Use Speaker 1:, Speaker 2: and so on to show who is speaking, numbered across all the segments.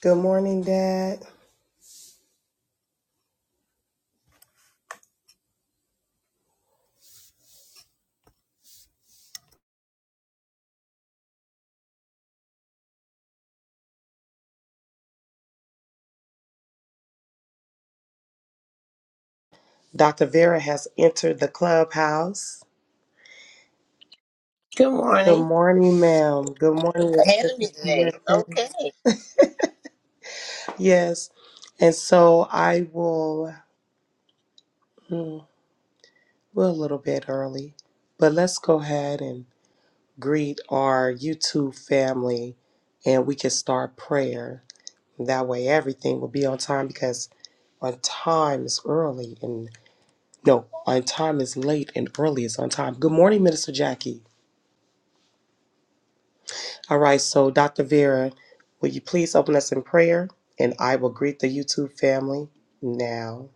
Speaker 1: Good morning, Dad. Dr. Vera has entered the clubhouse.
Speaker 2: Good
Speaker 1: Good
Speaker 2: morning.
Speaker 1: morning, ma'am. Good morning. It's
Speaker 2: Ahead
Speaker 1: good
Speaker 2: of
Speaker 1: to
Speaker 2: me
Speaker 1: see your
Speaker 2: today.
Speaker 1: face.
Speaker 2: Okay.
Speaker 1: Yes. And so I will, hmm, we're a little bit early, but let's go ahead and greet our YouTube family and we can start prayer. That way everything will be on time because on time is early and no, on time is late and early is on time. Good morning, Minister Jackie. All right, so Dr. Vera, will you please open us in prayer? And I will greet the YouTube family now.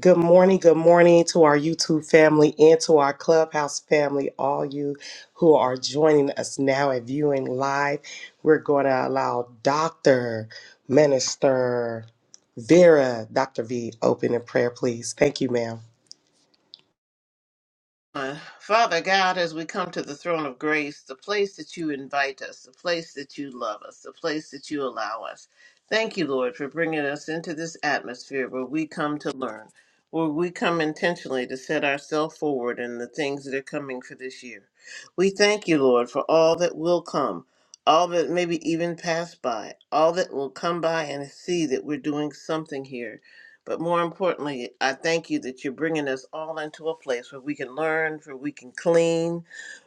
Speaker 1: Good morning, good morning to our YouTube family and to our Clubhouse family, all you who are joining us now and viewing live. We're going to allow Dr. Minister Vera, Dr. V, open in prayer, please. Thank you, ma'am.
Speaker 2: Uh, Father God, as we come to the throne of grace, the place that you invite us, the place that you love us, the place that you allow us. Thank you, Lord, for bringing us into this atmosphere where we come to learn, where we come intentionally to set ourselves forward in the things that are coming for this year. We thank you, Lord, for all that will come, all that maybe even pass by, all that will come by and see that we're doing something here But more importantly, I thank you that you're bringing us all into a place where we can learn, where we can clean,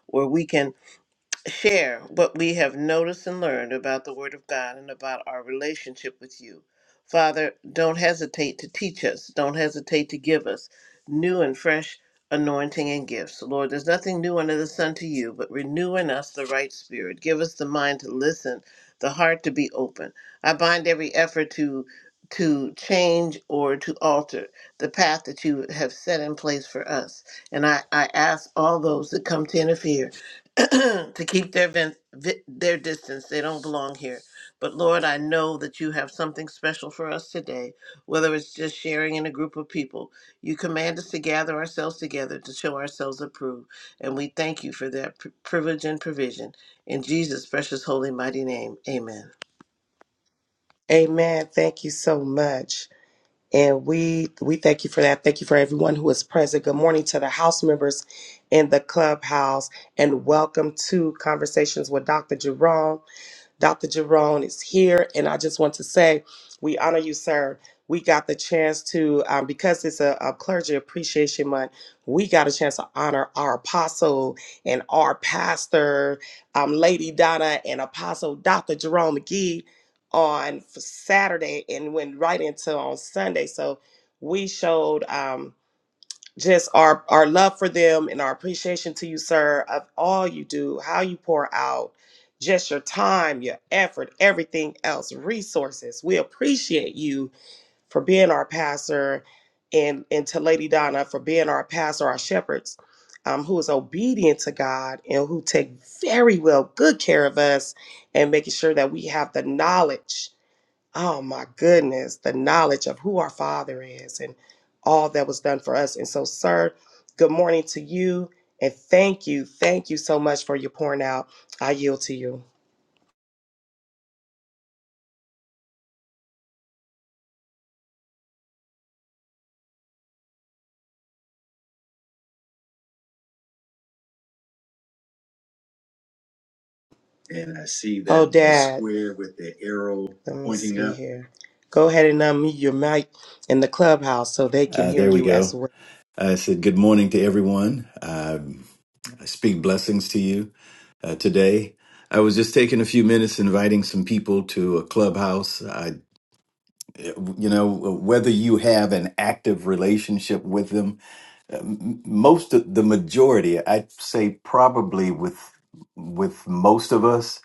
Speaker 2: where we can share what we have noticed and learned about the Word of God and about our relationship with you. Father, don't hesitate to teach us, don't hesitate to give us new and fresh anointing and gifts. Lord, there's nothing new under the sun to you, but renew in us the right spirit. Give us the mind to listen, the heart to be open. I bind every effort to to change or to alter the path that you have set in place for us. And I, I ask all those that come to interfere to keep their vent, vi- their distance. They don't belong here. But Lord, I know that you have something special for us today, whether it's just sharing in a group of people. You command us to gather ourselves together to show ourselves approved, and we thank you for that pri- privilege and provision. In Jesus' precious, holy, mighty name, amen.
Speaker 1: Amen. Thank you so much. And we we thank you for that. Thank you for everyone who is present. Good morning to the house members in the clubhouse and welcome to Conversations with Dr. Jerome. Dr. Jerome is here, and I just want to say we honor you, sir. We got the chance to, um, because it's a, a clergy appreciation month, we got a chance to honor our apostle and our pastor, um, Lady Donna and Apostle Dr. Jerome McGee on Saturday and went right into on Sunday. So we showed. Um, just our our love for them and our appreciation to you sir of all you do how you pour out just your time your effort everything else resources we appreciate you for being our pastor and and to lady donna for being our pastor our shepherds um, who is obedient to god and who take very well good care of us and making sure that we have the knowledge oh my goodness, the knowledge of who our Father is and all that was done for us. And so, sir, good morning to you. And thank you. Thank you so much for your pouring out. I yield to you. And I see that oh, little Dad. square with the arrow Let me pointing see up. Here. Go ahead and unmute your mic in the clubhouse so they can
Speaker 3: Uh,
Speaker 1: hear
Speaker 3: there we
Speaker 1: you as
Speaker 3: go. I said, Good morning to everyone. Um, I speak blessings to you uh, today. I was just taking a few minutes inviting some people to a clubhouse. I, you know, whether you have an active relationship with them, uh, m- most of the majority, I'd say probably with with most of us,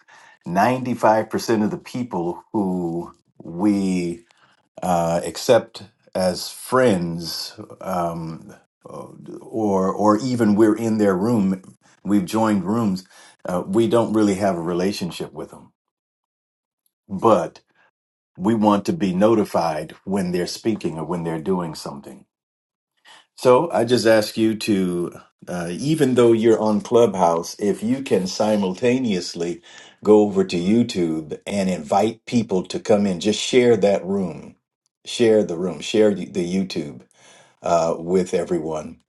Speaker 3: ninety five percent of the people who we uh, except as friends, um, or or even we're in their room, we've joined rooms. Uh, we don't really have a relationship with them, but we want to be notified when they're speaking or when they're doing something. So I just ask you to, uh, even though you're on Clubhouse, if you can simultaneously go over to YouTube and invite people to come in, just share that room, share the room, share the YouTube uh, with everyone,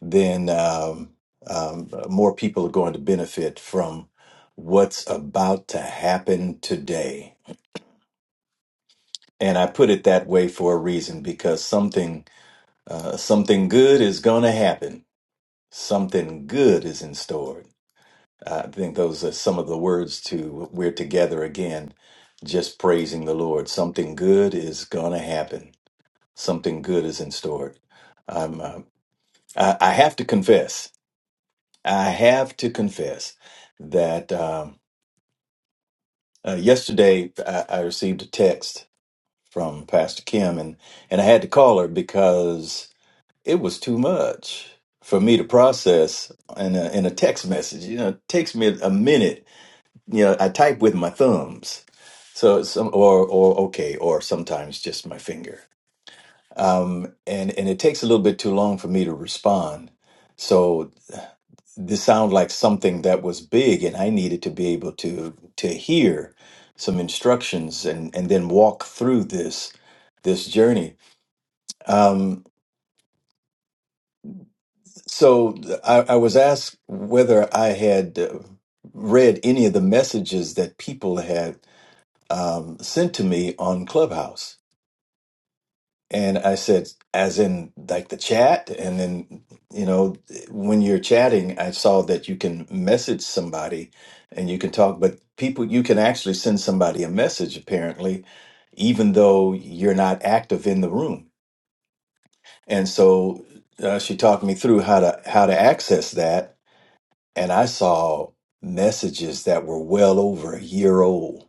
Speaker 3: then um, um, more people are going to benefit from what's about to happen today. And I put it that way for a reason because something uh, something good is going to happen. Something good is in store. I think those are some of the words to we're together again, just praising the Lord. Something good is going to happen. Something good is in store. I'm, uh, I, I have to confess. I have to confess that um, uh, yesterday I, I received a text from Pastor Kim, and, and I had to call her because it was too much for me to process in a, in a text message. You know, it takes me a minute. You know, I type with my thumbs, so it's some or or okay, or sometimes just my finger. Um, and and it takes a little bit too long for me to respond. So this sounded like something that was big and I needed to be able to to hear some instructions and and then walk through this this journey. Um, so I, I was asked whether I had uh, read any of the messages that people had um, sent to me on Clubhouse And I said, as in like the chat. And then, you know, when you're chatting, I saw that you can message somebody and you can talk, but people, you can actually send somebody a message apparently, even though you're not active in the room. And so uh, she talked me through how to, how to access that. And I saw messages that were well over a year old.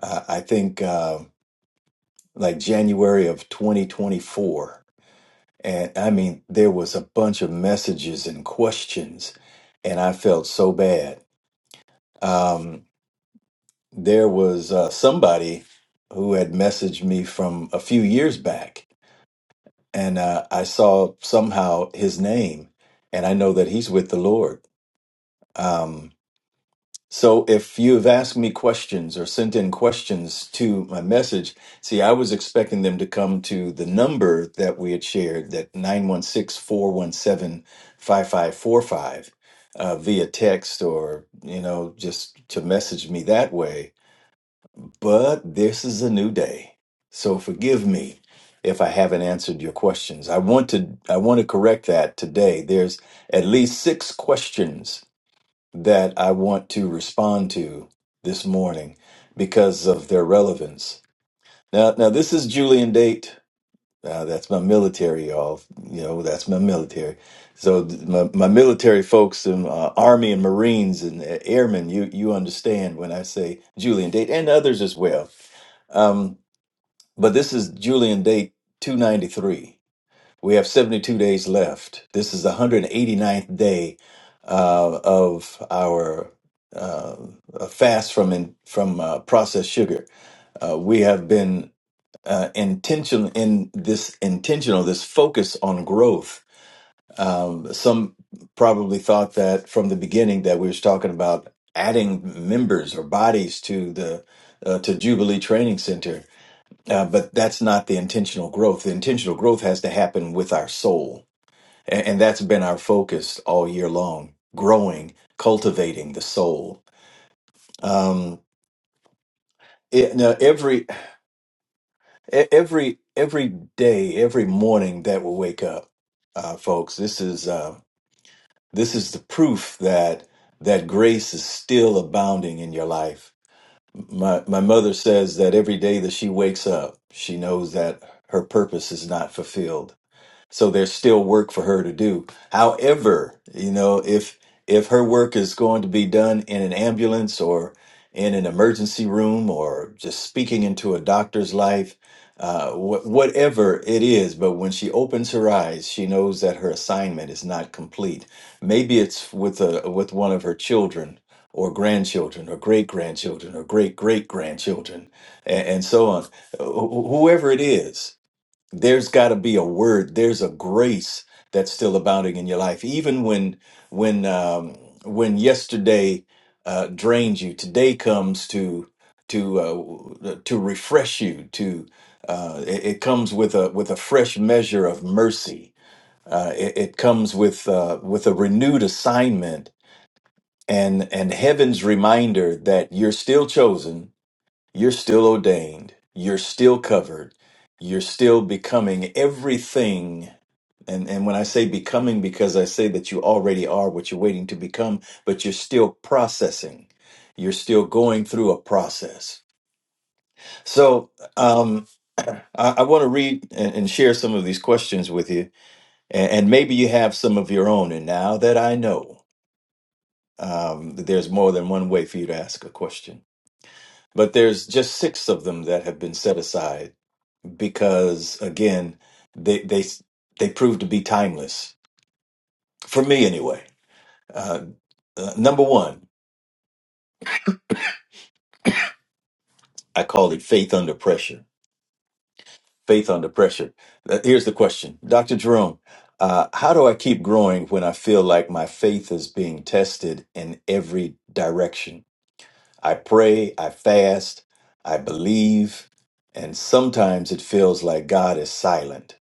Speaker 3: Uh, I think, uh, like January of 2024 And I mean, there was a bunch of messages and questions, and I felt so bad. Um, there was uh, somebody who had messaged me from a few years back, and uh, I saw somehow his name, and I know that he's with the Lord. Um, So if you've asked me questions or sent in questions to my message, see, I was expecting them to come to the number that we had shared, that nine one six four one seven five five four five, uh, via text or, you know, just to message me that way. But this is a new day. So forgive me if I haven't answered your questions. I want to I want to correct that today. There's at least six questions that I want to respond to this morning because of their relevance. Now, now this is Julian date. Uh, that's my military, y'all. You know, that's my military. So th- my, my military folks and uh, Army and Marines and uh, Airmen, you you understand when I say Julian date and others as well. Um, but this is Julian date 293 we have 72 days left. This is the one hundred eighty-ninth day uh, of our uh, fast from in, from uh, processed sugar. Uh, we have been uh, intentional in this intentional this focus on growth. Um, some probably thought that from the beginning that we was talking about adding members or bodies to the uh, to Jubilee Training Center, uh, but that's not the intentional growth. The intentional growth has to happen with our soul and, and that's been our focus all year long, growing, cultivating the soul. Um, it, now every, e- every, every day, every morning that we wake up, uh, folks, this is, uh, this is the proof that, that grace is still abounding in your life. My, my mother says that every day that she wakes up, she knows that her purpose is not fulfilled So there's still work for her to do. However, you know, if if her work is going to be done in an ambulance or in an emergency room or just speaking into a doctor's life, uh, wh- whatever it is, but when she opens her eyes, she knows that her assignment is not complete. Maybe it's with a with one of her children or grandchildren or great grandchildren or great great grandchildren and, and so on. Wh- wh- whoever it is, there's got to be a word there's a grace that's still abounding in your life even when when um when yesterday uh drains you today comes to to uh to refresh you to uh it, it comes with a with a fresh measure of mercy uh it, it comes with uh with a renewed assignment and and heaven's reminder that you're still chosen you're still ordained. You're still covered. You're still becoming everything and and when I say becoming, because I say that you already are what you're waiting to become, but you're still processing. You're still going through a process. So um, I, I want to read and, and share some of these questions with you, and, and maybe you have some of your own. And now that I know, um, that there's more than one way for you to ask a question. But there's just six of them that have been set aside because again, they they they prove to be timeless for me anyway. Uh, uh, number one, I call it faith under pressure. Faith under pressure. Uh, here's the question, Dr. Jerome. Uh, how do I keep growing when I feel like my faith is being tested in every direction? I pray, I fast, I believe, and sometimes it feels like God is silent.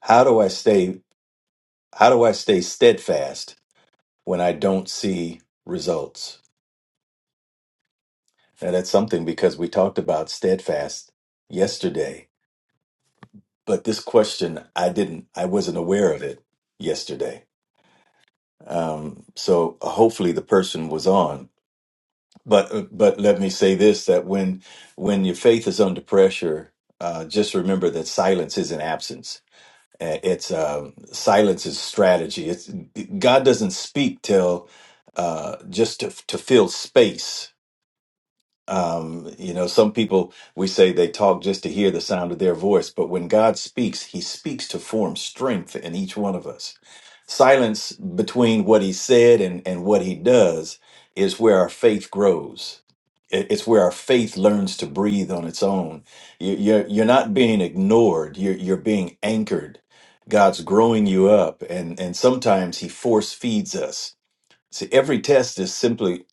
Speaker 3: How do I stay? How do I stay steadfast when I don't see results. Now, that's something because we talked about steadfast yesterday, but this question, I didn't, I wasn't aware of it yesterday. Um, so uh, hopefully the person was on, but, uh, but let me say this, that when, when your faith is under pressure, uh, just remember that silence isn't absence. Uh, It's, um silence is strategy. It's God doesn't speak till, uh, just to, to fill space Um, you know, some people we say they talk just to hear the sound of their voice, but when God speaks, He speaks to form strength in each one of us. Silence between what He said and, and what He does is where our faith grows. It- It's where our faith learns to breathe on its own. You- You're, you're not being ignored, you're, you're being anchored. God's growing you up, and, and sometimes He force feeds us. See, every test is simply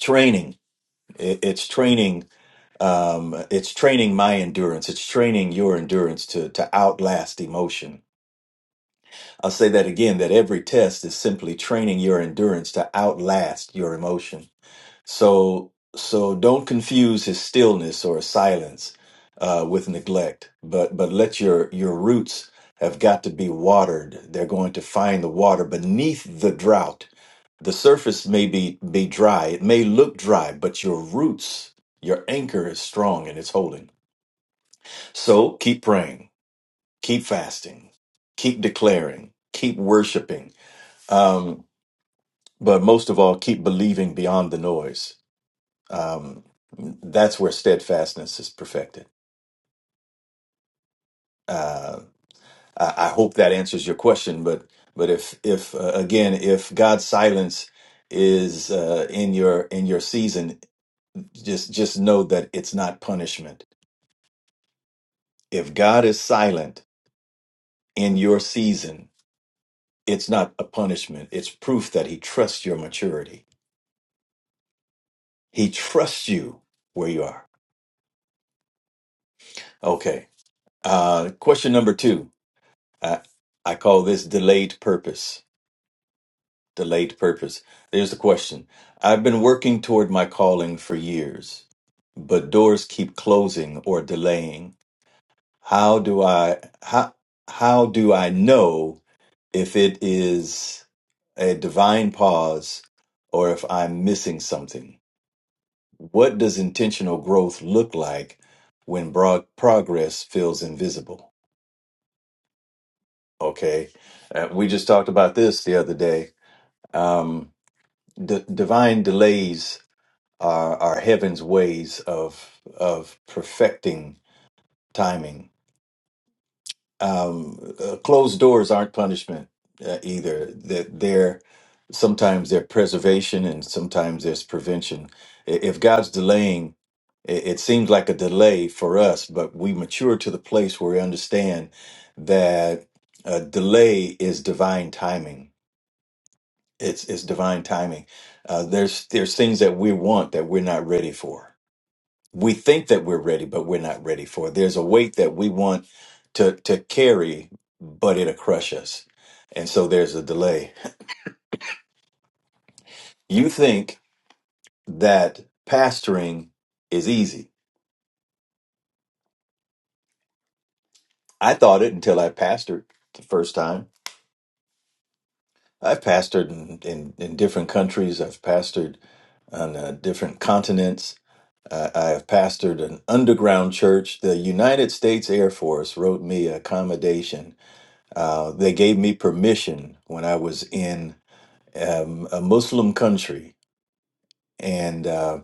Speaker 3: training. It- It's training um, it's training my endurance it's training your endurance to to outlast emotion i'll say that again that every test is simply training your endurance to outlast your emotion so so don't confuse his stillness or silence uh, with neglect but but let your your roots have got to be watered they're going to find the water beneath the drought the surface may be be dry it may look dry but your roots your anchor is strong and it's holding so keep praying, keep fasting, keep declaring, keep worshiping. Um, but most of all, keep believing beyond the noise. Um, that's where steadfastness is perfected. Uh, I, I hope that answers your question. But but if if uh, again if God's silence is uh, in your in your season, just just know that it's not punishment. If God is silent in your season, It's not a punishment. It's proof that he trusts your maturity. He trusts you where you are. Okay. Uh, question number two. I, I call this delayed purpose. Delayed purpose. There's the question. I've been working toward my calling for years, but doors keep closing or delaying. How do I how how do I know if it is a divine pause or if I'm missing something? What does intentional growth look like when broad progress feels invisible? Okay. Uh, we just talked about this the other day. Um, d- divine delays are, are heaven's ways of, of perfecting timing um, uh, closed doors aren't punishment uh, either. That they're sometimes they're preservation and sometimes there's prevention. I- If God's delaying, i- it seems like a delay for us, but we mature to the place where we understand that uh, delay is divine timing. It's it's divine timing. Uh, there's there's things that we want that we're not ready for we think that we're ready, but we're not ready for it. There's a weight that we want to to carry, but it'll crush us. And so there's a delay. You think that pastoring is easy. I thought it until I pastored the first time. I've pastored in, in, in different countries. I've pastored on uh, different continents. Uh, I have pastored an underground church. The United States Air Force wrote me accommodation Uh, they gave me permission when I was in um, a Muslim country, and uh,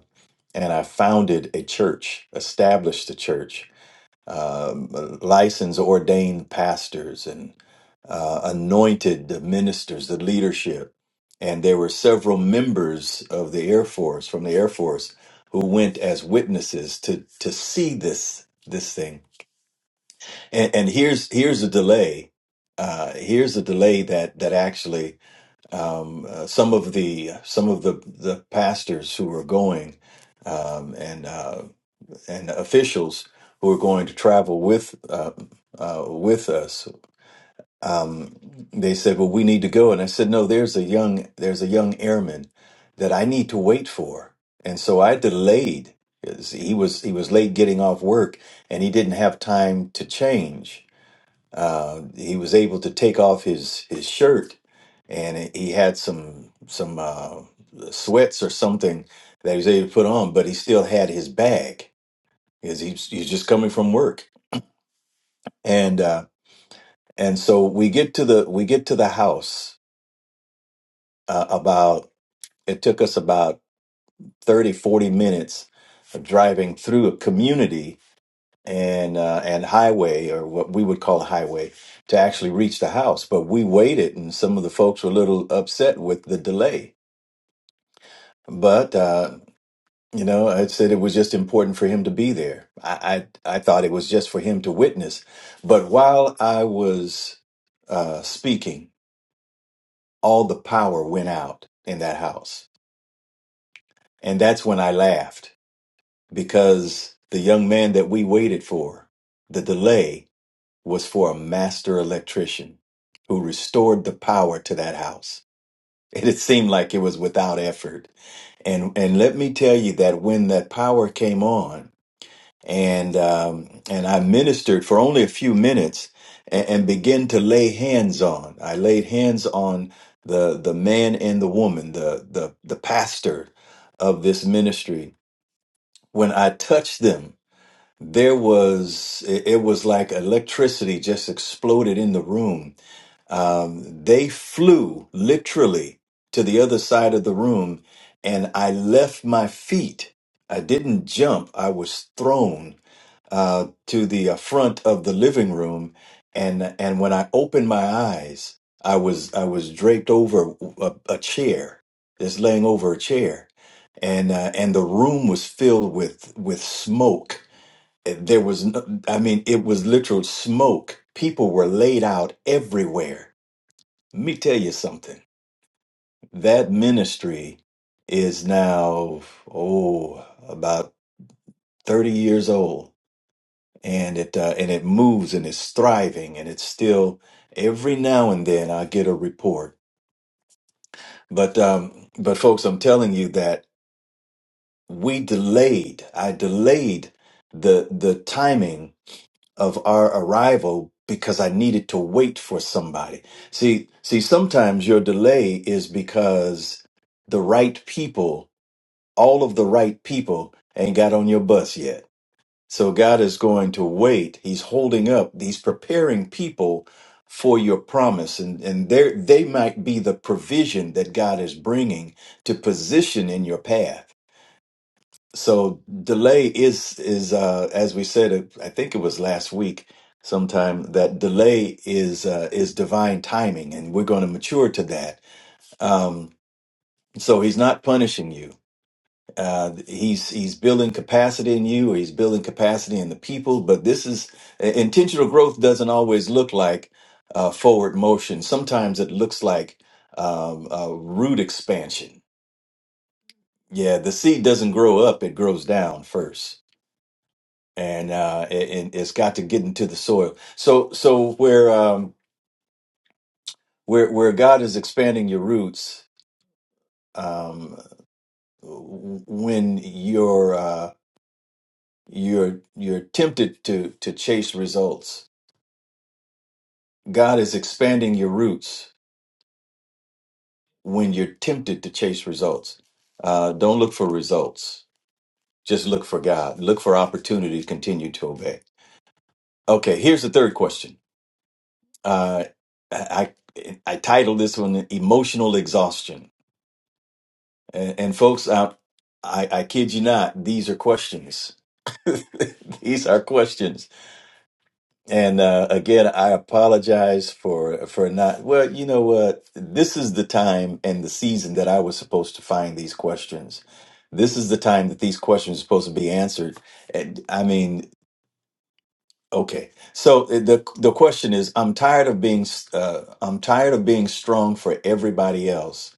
Speaker 3: and I founded a church, established a church, um, uh, licensed ordained pastors, and uh, anointed the ministers, the leadership, and there were several members of the Air Force from the Air Force who went as witnesses to to see this this thing. And, and here's here's a delay. Uh, here's a delay that that actually um, uh, some of the some of the the pastors who were going um, and uh, and officials who were going to travel with uh, uh, with us. Um, they said, "Well, we need to go," and I said, "No, there's a young there's a young airman that I need to wait for," and so I delayed. 'cause He was he was late getting off work, and he didn't have time to change uh, he was able to take off his his shirt, and it- he had some some uh, sweats or something that he was able to put on, but he still had his bag because he's he's just coming from work, and uh, and so we get to the we get to the house uh, about it took us about 30 40 minutes of driving through a community and uh, and highway or what we would call a highway to actually reach the house. But we waited, and some of the folks were a little upset with the delay. But uh, you know, I said it was just important for him to be there. I, I I thought it was just for him to witness. But while I was uh, speaking, all the power went out in that house, and that's when I laughed because the young man that we waited for, the delay was for a master electrician who restored the power to that house. And it seemed like it was without effort. And and let me tell you that when that power came on, and um, and I ministered for only a few minutes, and, and began to lay hands on. I laid hands on the the man and the woman, the the the pastor of this ministry. When I touched them, there was it, it was like electricity just exploded in the room um, they flew literally to the other side of the room, and I left my feet. I didn't jump, I was thrown uh, to the uh, front of the living room. And, and when I opened my eyes, I was, I was draped over a, a chair, just laying over a chair. And, uh, and the room was filled with, with smoke there was no, i mean it was literal smoke people were laid out everywhere let me tell you something. That ministry is now oh about 30 years old and it uh, and it moves and it's thriving and it's still every now and then I get a report. But um but folks, I'm telling you that we delayed. I delayed the the timing of our arrival because I needed to wait for somebody. See, see sometimes your delay is because the right people all of the right people ain't got on your bus yet. So God is going to wait. He's holding up. He's preparing people for your promise. And, and there, they might be the provision that God is bringing to position in your path. So delay is, is, uh, as we said, I think it was last week sometime that delay is, uh, is divine timing and we're going to mature to that. Um, so he's not punishing you uh, he's he's building capacity in you, or he's building capacity in the people. But this is uh, intentional growth doesn't always look like uh, forward motion. Sometimes it looks like um, uh, root expansion. Yeah, the seed doesn't grow up; it grows down first, and uh, it, and it's got to get into the soil. So so where um, where where God is expanding your roots um, w- when you're uh, You're you're tempted to to chase results. God is expanding your roots when you're tempted to chase results. Uh, don't look for results. Just look for God. Look for opportunity to continue to obey. Okay, here's the third question. Uh, I I I titled this one "Emotional Exhaustion," and, and folks, I, I I kid you not, these are questions. these are questions And uh, again, I apologize for for not. Well, you know what? This is the time and the season that I was supposed to find these questions. This is the time that these questions are supposed to be answered. And, I mean, okay. So uh, the the question is, I'm tired of being uh, I'm tired of being strong for everybody else.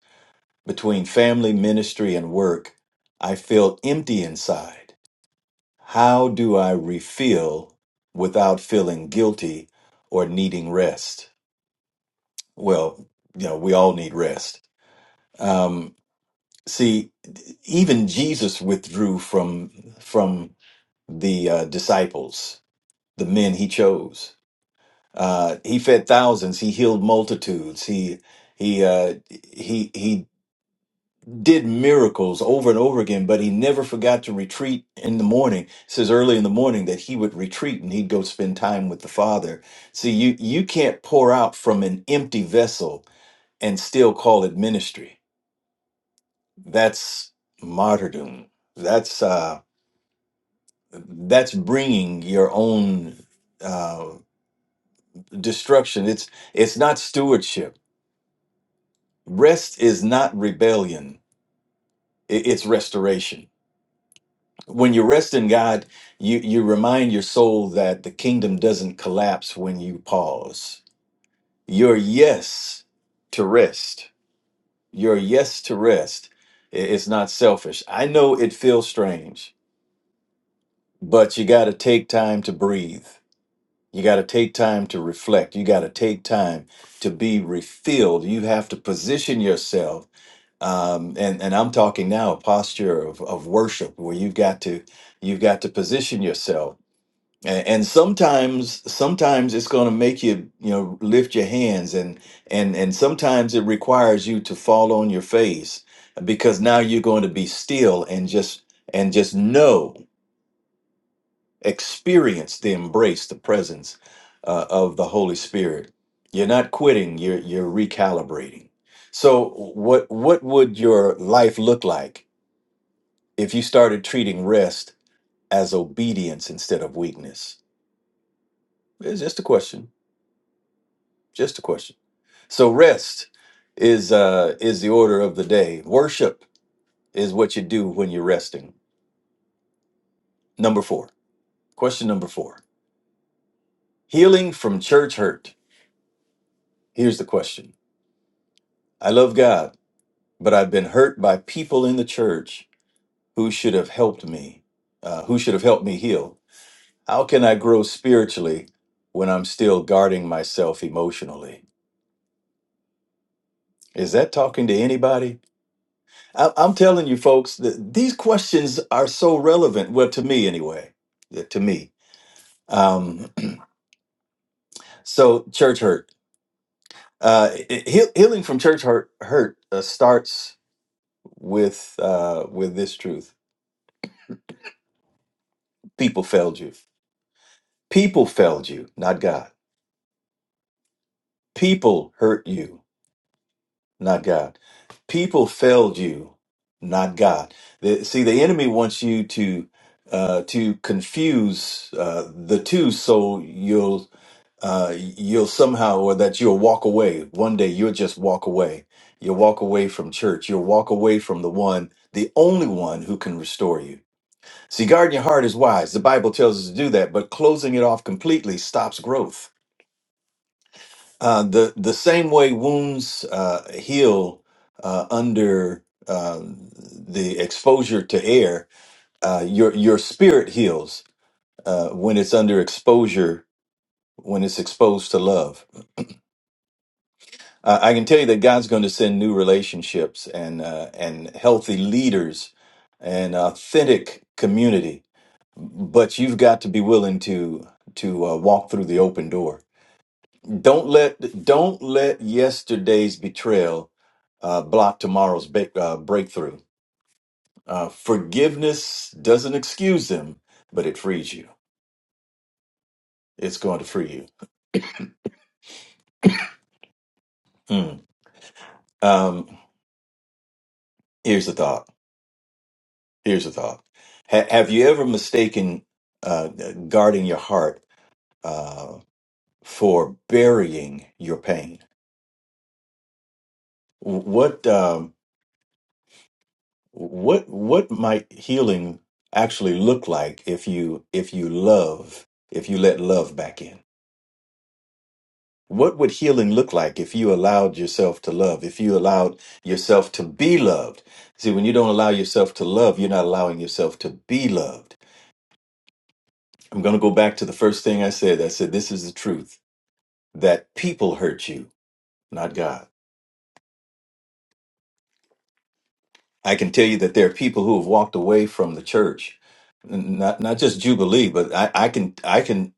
Speaker 3: Between family, ministry, and work, I feel empty inside. How do I refill without feeling guilty or needing rest? Well, you know, we all need rest. Um, see, even Jesus withdrew from from the uh, disciples, the men he chose. Uh, he fed thousands. He healed multitudes. He he uh, he he did miracles over and over again, but he never forgot to retreat in the morning. It says early in the morning that he would retreat and he'd go spend time with the Father. See, you you can't pour out from an empty vessel and still call it ministry. That's martyrdom. That's uh, that's bringing your own uh, destruction. It's it's not stewardship. Rest is not rebellion. I- It's restoration when you rest in God, you you remind your soul that the kingdom doesn't collapse when you pause. Your yes to rest, your yes to rest, i- it's not selfish. I know it feels strange, but you got to take time to breathe. You got to take time to reflect. You got to take time to be refilled. You have to position yourself. Um, and, and I'm talking now a posture of, of worship where you've got to you've got to position yourself and, and sometimes sometimes it's going to make you you know lift your hands and and and sometimes it requires you to fall on your face because now you're going to be still and just and just know experience the embrace the presence uh, of the holy spirit you're not quitting you're you're recalibrating so what what would your life look like if you started treating rest as obedience instead of weakness it's just a question just a question So rest is uh is the order of the day. Worship is what you do when you're resting. Number 4. Question number 4. Healing from church hurt. Here's the question. I love God, but I've been hurt by people in the church who should have helped me. Uh who should have helped me heal. How can I grow spiritually when I'm still guarding myself emotionally? Is that talking to anybody? I- I'm telling you folks that these questions are so relevant, well to me anyway. uh, To me Um, so church hurt. Uh, it- heal- healing from church hurt hurt uh, starts with uh, with this truth: people failed you. People failed you, not God. People hurt you, not God. People failed you, not God. The, see, the enemy wants you to uh, to confuse uh, the two, so you'll uh, you'll somehow, or that you'll walk away. One day you'll just walk away. You'll walk away from church. You'll walk away from the one, the only one who can restore you. See, guarding your heart is wise. The Bible tells us to do that, but closing it off completely stops growth. Uh, the the same way wounds uh, heal uh, under uh, the exposure to air, uh, your your spirit heals uh, when it's under exposure, when it's exposed to love Uh, I can tell you that God's going to send new relationships and uh, and healthy leaders and authentic community, but you've got to be willing to to uh, walk through the open door. Don't let don't let yesterday's betrayal uh, block tomorrow's ba- uh, breakthrough. Uh, forgiveness doesn't excuse them, but it frees you. It's going to free you. Hmm. Um, here's the thought. Here's a thought. Ha- have you ever mistaken uh, guarding your heart uh, for burying your pain? What um, what what might healing actually look like if you if you love if you let love back in? What would healing look like if you allowed yourself to love? If you allowed yourself to be loved? See, when you don't allow yourself to love, you're not allowing yourself to be loved. I'm going to go back to the first thing I said. I said this is the truth. that people hurt you, not God. I can tell you that there are people who have walked away from the church, n- not not just Jubilee, but I, I can I can.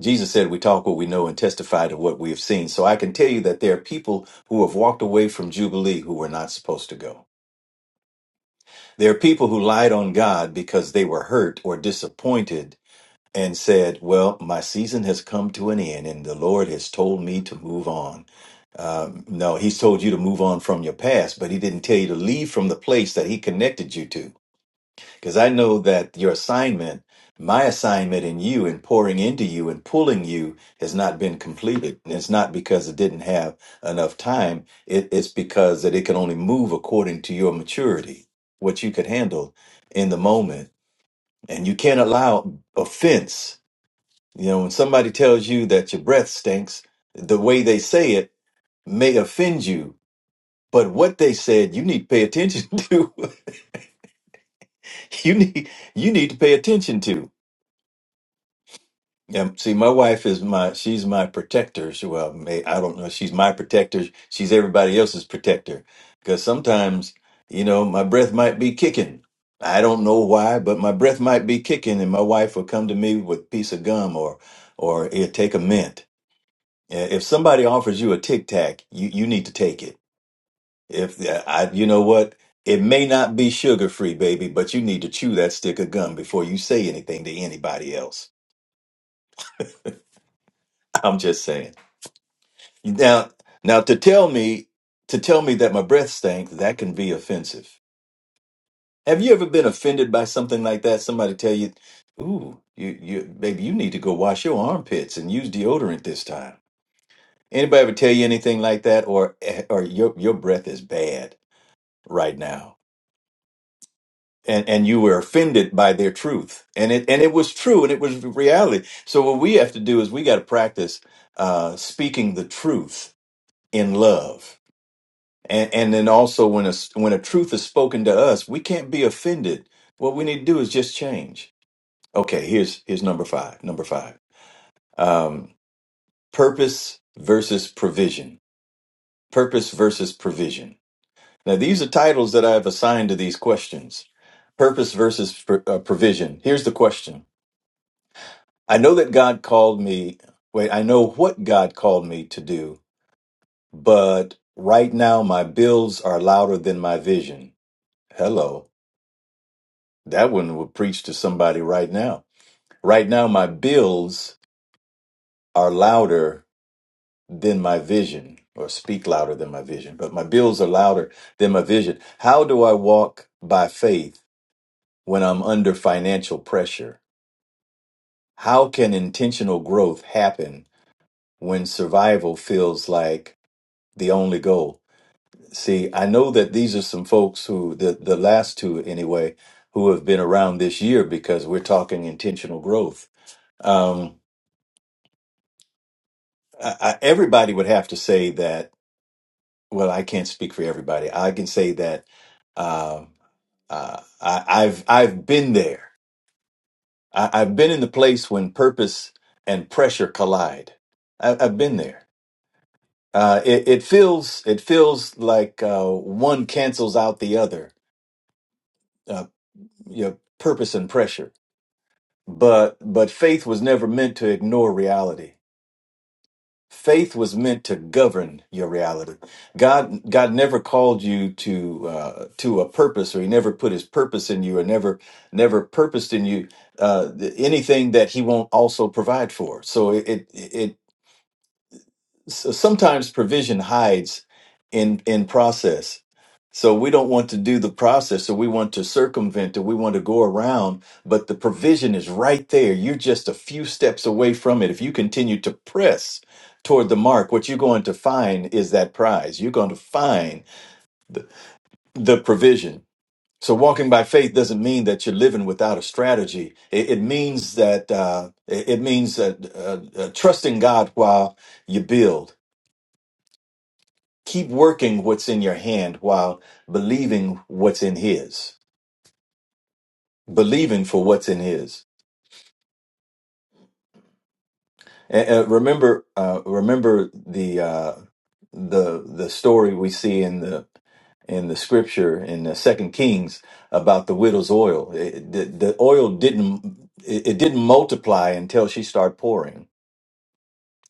Speaker 3: Jesus said, "We talk what we know and testify to what we have seen." So I can tell you that there are people who have walked away from Jubilee who were not supposed to go. There are people who lied on God because they were hurt or disappointed and said, "Well, my season has come to an end, and the Lord has told me to move on." Um, no, he's told you to move on from your past, but he didn't tell you to leave from the place that he connected you to. Because I know that your assignment, my assignment in you and pouring into you and pulling you has not been completed. And it's not because it didn't have enough time. It, it's because that it can only move according to your maturity, what you could handle in the moment. And you can't allow offense. You know, when somebody tells you that your breath stinks, the way they say it may offend you but what they said, you need to pay attention to. you need you need to pay attention to. Um, see, my wife is my she's my protector. She, well, may, I don't know. She's my protector. She's everybody else's protector. Because sometimes, you know, my breath might be kicking. I don't know why, but my breath might be kicking, and my wife will come to me with a piece of gum or or it take a mint. Uh, If somebody offers you a tic tac, you you need to take it If yeah, I, you know what, it may not be sugar free, baby, but you need to chew that stick of gum before you say anything to anybody else. I'm just saying. Now, now to tell me to tell me that my breath stank that can be offensive. Have you ever been offended by something like that? Somebody tell you, "Ooh, you, you, baby, you need to go wash your armpits and use deodorant this time." Anybody ever tell you anything like that, or eh, or your your breath is bad right now? and, and you were offended by their truth and it and it was true and it was reality so what we have to do is we got to practice uh, speaking the truth in love and and then also when a s- when a truth is spoken to us we can't be offended what we need to do is just change okay here's here's number five number five um, purpose versus provision purpose versus provision now these are titles that i've assigned to these questions purpose versus pr- uh, provision here's the question I know that God called me, wait, I know what God called me to do, but right now my bills are louder than my vision. Hello. That one would preach to somebody right now. Right now my bills are louder than my vision, or speak louder than my vision, but my bills are louder than my vision. How do I walk by faith when I'm under financial pressure? How can intentional growth happen when survival feels like the only goal. See, I know that these are some folks who the the last two anyway who have been around this year because we're talking intentional growth. Um, I, I, everybody would have to say that. Well, I can't speak for everybody. I can say that um uh, I, I've I've been there. I, I've been in the place when purpose and pressure collide. I, I've been there. Uh, it, it feels it feels like uh, one cancels out the other uh, your purpose and pressure. But but faith was never meant to ignore reality. Faith was meant to govern your reality. God God never called you to uh, to a purpose, or He never put His purpose in you, or never never purposed in you uh, th- anything that He won't also provide for. So it it, it so sometimes provision hides in in process so we don't want to do the process so we want to circumvent it we want to go around but the provision is right there you're just a few steps away from it if you continue to press toward the mark what you're going to find is that prize you're going to find the provision so walking by faith doesn't mean that you're living without a strategy it, it means that uh, it, it means that uh, uh, trusting god while you build Keep working what's in your hand while believing what's in His, believing for what's in His. And, and remember, uh, remember the uh, the the story we see in the in the scripture in the second kings about the widow's oil it, the, the oil didn't it, it didn't multiply until she started pouring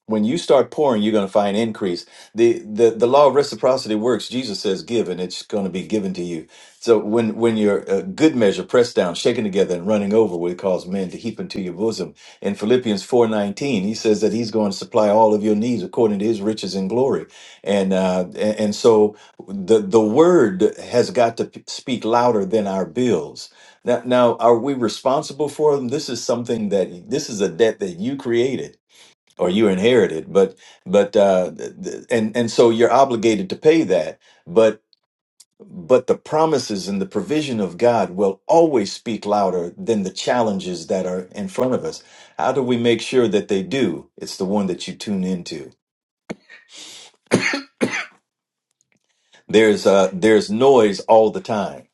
Speaker 3: when you start pouring you're going to find increase the, the the law of reciprocity works jesus says give and it's going to be given to you so when when you're a good measure pressed down shaken together and running over will cause men to heap into your bosom in philippians 4.19 he says that he's going to supply all of your needs according to his riches and glory and uh and, and so the the word has got to p- speak louder than our bills now, now are we responsible for them this is something that this is a debt that you created or you inherited but but uh th- th- and and so you're obligated to pay that but but the promises and the provision of God will always speak louder than the challenges that are in front of us how do we make sure that they do it's the one that you tune into there's uh there's noise all the time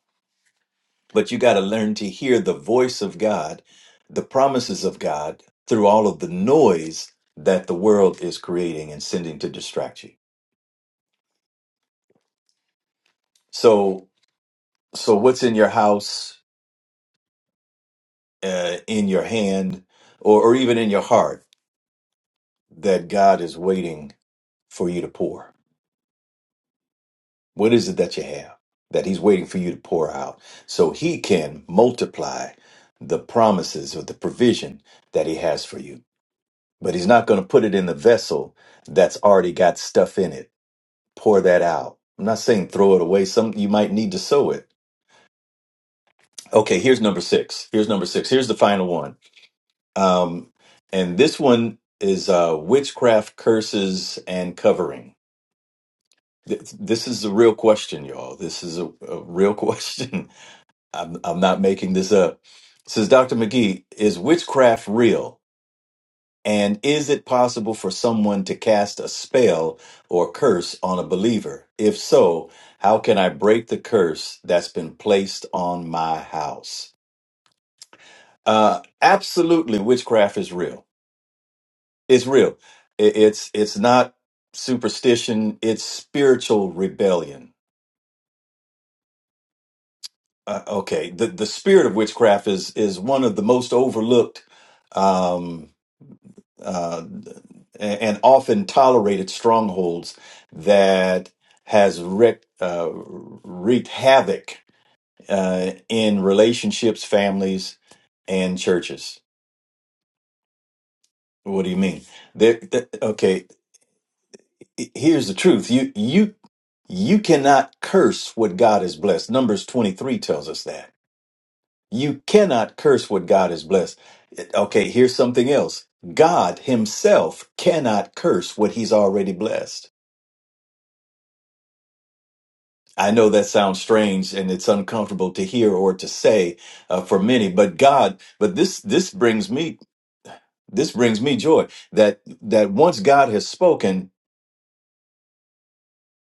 Speaker 3: but you got to learn to hear the voice of God the promises of God through all of the noise that the world is creating and sending to distract you so so what's in your house uh, in your hand or, or even in your heart that god is waiting for you to pour what is it that you have that he's waiting for you to pour out so he can multiply the promises or the provision that he has for you but he's not going to put it in the vessel that's already got stuff in it pour that out i'm not saying throw it away some you might need to sow it okay here's number six here's number six here's the final one Um, and this one is uh, witchcraft curses and covering. Th- This is a real question, y'all. This is a, a real question. I'm, I'm not making this up. Says Dr. McGee, is witchcraft real? And is it possible for someone to cast a spell or curse on a believer? If so, how can I break the curse that's been placed on my house? Uh, absolutely, witchcraft is real it's real. It, it's it's not superstition. It's spiritual rebellion. Uh, okay, the the spirit of witchcraft is is one of the most overlooked um, uh, and, and often tolerated strongholds that has wreaked uh, wreaked havoc uh, in relationships, families, and churches. What do you mean? There, th- okay, here's the truth you you you cannot curse what god has blessed numbers 23 tells us that you cannot curse what god has blessed okay here's something else god himself cannot curse what he's already blessed i know that sounds strange and it's uncomfortable to hear or to say uh, for many but god but this this brings me this brings me joy that that once god has spoken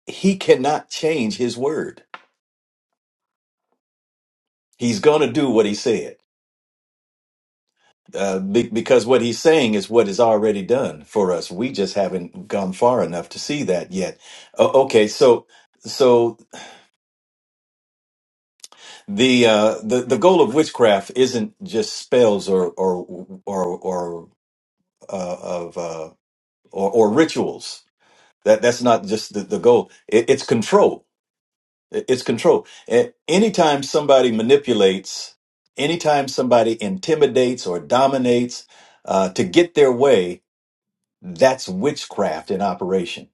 Speaker 3: he cannot change his word he's going to do what he said Uh, be- because what he's saying is what is already done for us. We just haven't gone far enough to see that yet. O- okay, so so the uh, the the goal of witchcraft isn't just spells or or or or uh, of uh, or, or rituals. That that's not just the, the goal. It, it's control. It- It's control. A- Anytime somebody manipulates, anytime somebody intimidates or dominates uh, to get their way, That's witchcraft in operation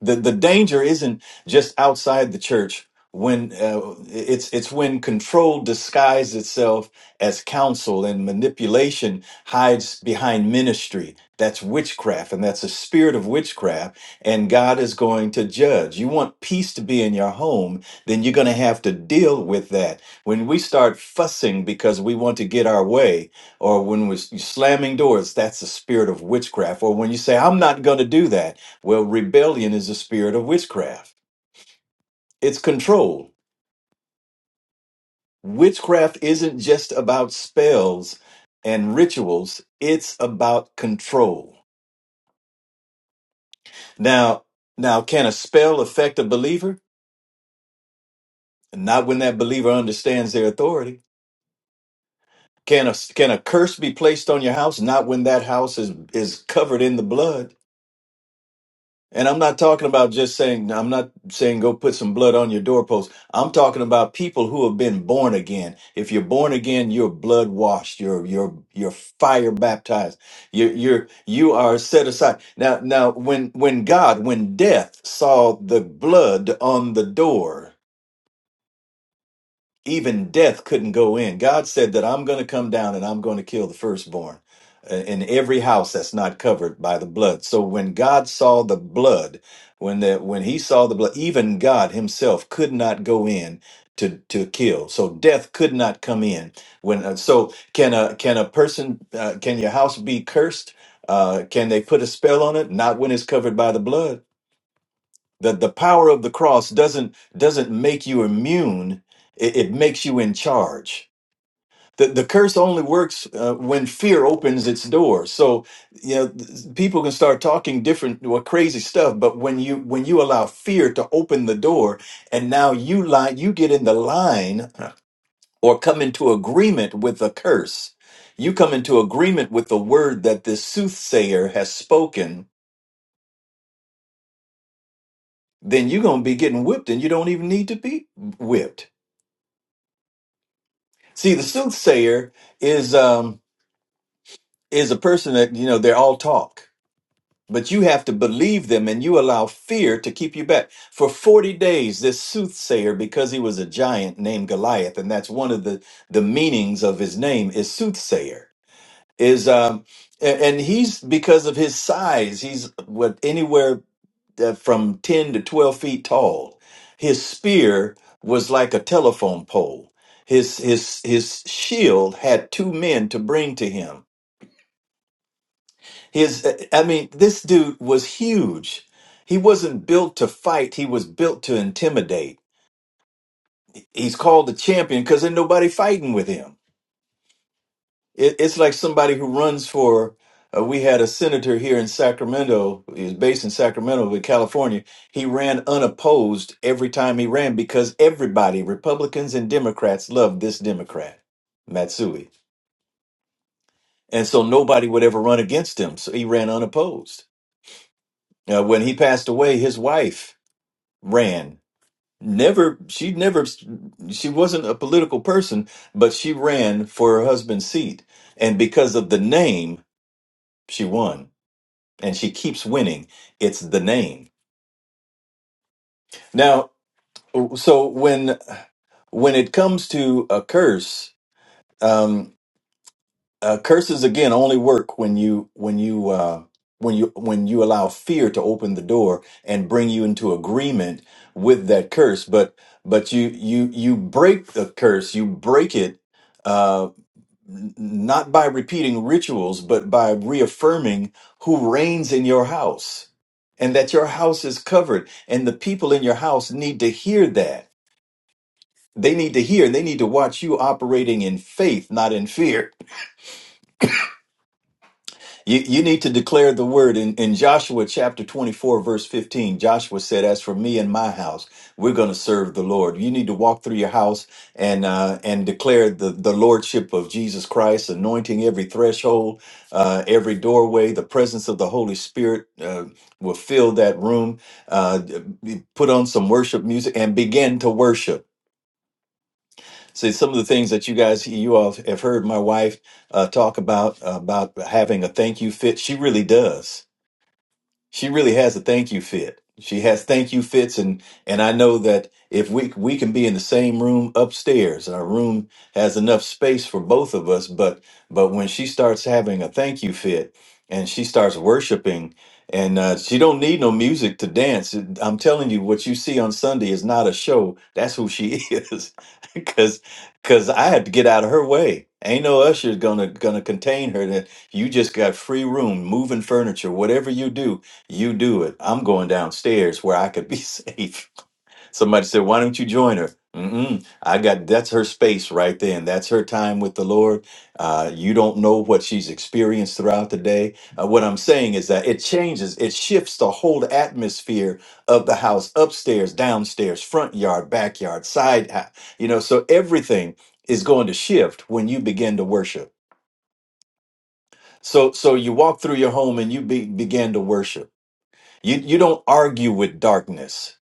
Speaker 3: the the danger isn't just outside the church when uh, it's it's when control disguises itself as counsel and manipulation hides behind ministry that's witchcraft and that's a spirit of witchcraft and God is going to judge you want peace to be in your home then you're going to have to deal with that when we start fussing because we want to get our way or when we're slamming doors that's the spirit of witchcraft or when you say I'm not going to do that well, rebellion is a spirit of witchcraft. It's control. Witchcraft isn't just about spells and rituals, it's about control. Now, now can a spell affect a believer? Not when that believer understands their authority. Can a can a curse be placed on your house? Not when that house is is covered in the blood. And I'm not talking about just saying, I'm not saying go put some blood on your doorpost. I'm talking about people who have been born again. If you're born again, you're blood washed. You're, you're, you're fire baptized. You're, you're, you are set aside. Now, now, when, when God, when death saw the blood on the door, even death couldn't go in. God said that I'm going to come down and I'm going to kill the firstborn uh, in every house that's not covered by the blood. So when God saw the blood, when the when he saw the blood, even God himself could not go in to to kill. So death could not come in. When uh, so can a can a person uh, can your house be cursed? Uh, can they put a spell on it? Not when it's covered by the blood the the power of the cross doesn't doesn't make you immune it, it makes you in charge the, the curse only works uh, when fear opens its door so you know th- people can start talking different well, crazy stuff but when you when you allow fear to open the door and now you line you get in the line or come into agreement with the curse you come into agreement with the word that this soothsayer has spoken then you're going to be getting whipped and you don't even need to be whipped See, the soothsayer is um is a person that you know they're all talk, but you have to believe them, and you allow fear to keep you back. For forty days, this soothsayer, because he was a giant named Goliath, and that's one of the the meanings of his name is soothsayer. Is um a- and he's because of his size, he's what anywhere uh, from 10 to 12 feet tall. His spear was like a telephone pole. His his his shield had two men to bring to him. His uh, I mean this dude was huge. He wasn't built to fight, he was built to intimidate. He's called the champion cuz there's nobody fighting with him It, it's like somebody who runs for. Uh, we had a senator here in Sacramento. He's based in Sacramento, but California. He ran unopposed every time he ran because everybody, Republicans and Democrats, loved this Democrat, Matsui, and so nobody would ever run against him. So he ran unopposed. Uh, when he passed away, his wife ran. Never, she never, she wasn't a political person, but she ran for her husband's seat, and because of the name, she won. and she keeps winning. It's the name. Now, so when when it comes to a curse, um, uh, curses again only work when you when you uh, when you when you allow fear to open the door and bring you into agreement with that curse. But but you you you break the curse, you break it uh, n- not by repeating rituals, but by reaffirming who reigns in your house and that your house is covered. And the people in your house need to hear that. They need to hear and they need to watch you operating in faith, not in fear. You, you need to declare the word in, in Joshua chapter 24, verse 15. Joshua said, As for me and my house, we're going to serve the Lord. You need to walk through your house and uh, and declare the, the lordship of Jesus Christ, anointing every threshold, uh, every doorway. The presence of the Holy Spirit uh, will fill that room. Uh, put on some worship music and begin to worship See, some of the things that you guys, you all have heard my wife uh, talk about, about having a thank you fit. She really does she really has a thank you fit. She has thank you fits, and and I know that if we we can be in the same room upstairs, and our room has enough space for both of us. But but when she starts having a thank you fit, and she starts worshiping, and uh, she don't need no music to dance. I'm telling you, what you see on Sunday is not a show. That's who she is, because because I had to get out of her way. Ain't no usher's gonna gonna contain her. That you just got free room, moving furniture, whatever you do you do it. I'm going downstairs where I could be safe. Somebody said, Why don't you join her? Mm-mm. I got that's her space right there, and that's her time with the Lord. Uh, you don't know what she's experienced throughout the day. Uh, what I'm saying is that it changes, it shifts the whole atmosphere of the house upstairs, downstairs, front yard, backyard, side, ha- you know, so everything is going to shift when you begin to worship. So, so you walk through your home and you be, begin to worship you you don't argue with darkness.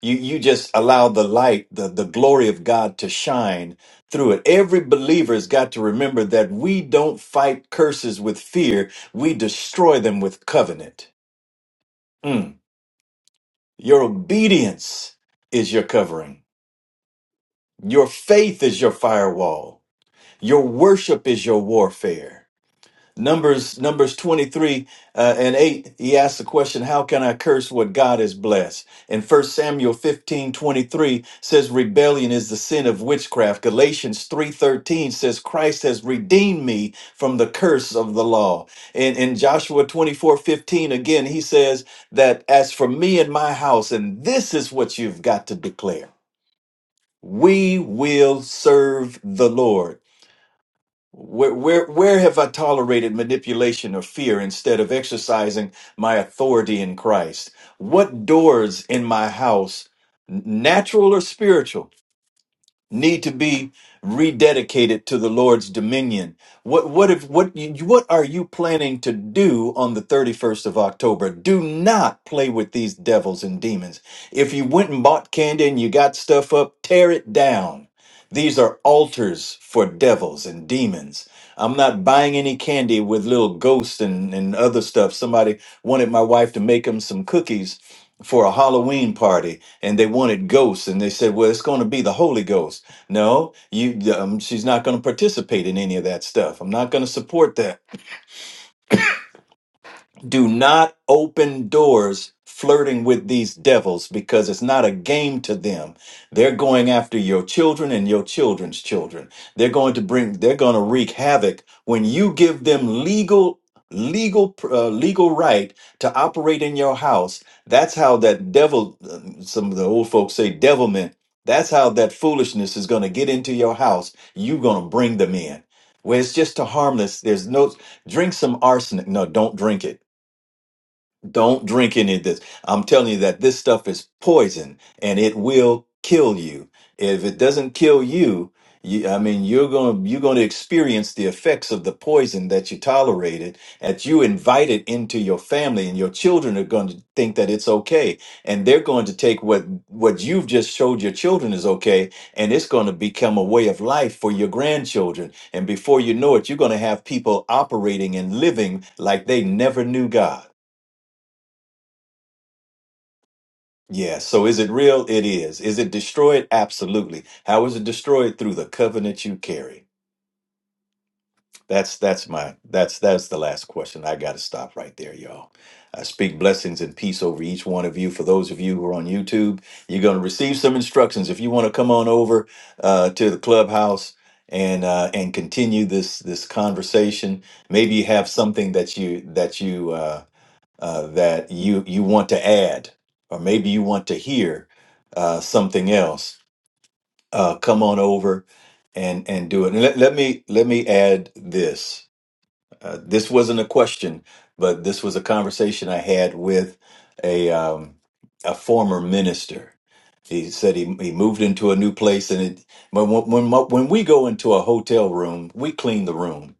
Speaker 3: You you just allow the light, the, the glory of God to shine through it. Every believer has got to remember that we don't fight curses with fear. We destroy them with covenant. Mm. Your obedience is your covering. Your faith is your firewall. Your worship is your warfare. Numbers Numbers 23 uh, and 8, he asks the question, How can I curse what God has blessed? And First Samuel 15 23 says, Rebellion is the sin of witchcraft. Galatians 3:13 says, Christ has redeemed me from the curse of the law. And in Joshua 24 15 again, he says that as for me and my house, and this is what you've got to declare. We will serve the Lord. Where, where, where have I tolerated manipulation or fear instead of exercising my authority in Christ? What doors in my house, natural or spiritual? need to be rededicated to the Lord's dominion. What what if what you- what are you planning to do on the 31st of October? Do not play with these devils and demons. If you went and bought candy and you got stuff up, tear it down. These are altars for devils and demons. I'm not buying any candy with little ghosts and, and other stuff. Somebody wanted my wife to make him some cookies for a Halloween party and they wanted ghosts and they said, "Well, it's going to be the Holy Ghost." No, you um, she's not going to participate in any of that stuff. I'm not going to support that do not open doors flirting with these devils because it's not a game to them. They're going after your children and your children's children. They're going to bring they're going to wreak havoc when you give them legal legal uh, legal right to operate in your house. That's how that devil uh, some of the old folks say devilment. That's how that foolishness is going to get into your house. You're going to bring them in. Where it's just a harmless, there's no, drink some arsenic. No, don't drink it don't drink any of this. I'm telling you that this stuff is poison and it will kill you. If it doesn't kill you, you I mean, you're going to you're going to experience the effects of the poison that you tolerated, that you invited into your family, and your children are going to think that it's okay, and they're going to take what what you've just showed your children is okay, and it's going to become a way of life for your grandchildren. And before you know it, you're going to have people operating and living like they never knew God. Yeah. So is it real? It is. Is it destroyed? Absolutely. How is it destroyed? Through the covenant you carry. That's that's my that's that's the last question. I got to stop right there, y'all. I speak blessings and peace over each one of you. For those of you who are on YouTube, you're going to receive some instructions. If you want to come on over uh, to the clubhouse and uh, and continue this this conversation, maybe you have something that you that you. Uh, uh, that you you want to add, or maybe you want to hear uh, something else, uh, come on over and and do it. And let, let me let me add this. Uh, this wasn't a question, but this was a conversation I had with a um, a former minister. He said he he moved into a new place, and it when when when we go into a hotel room, we clean the room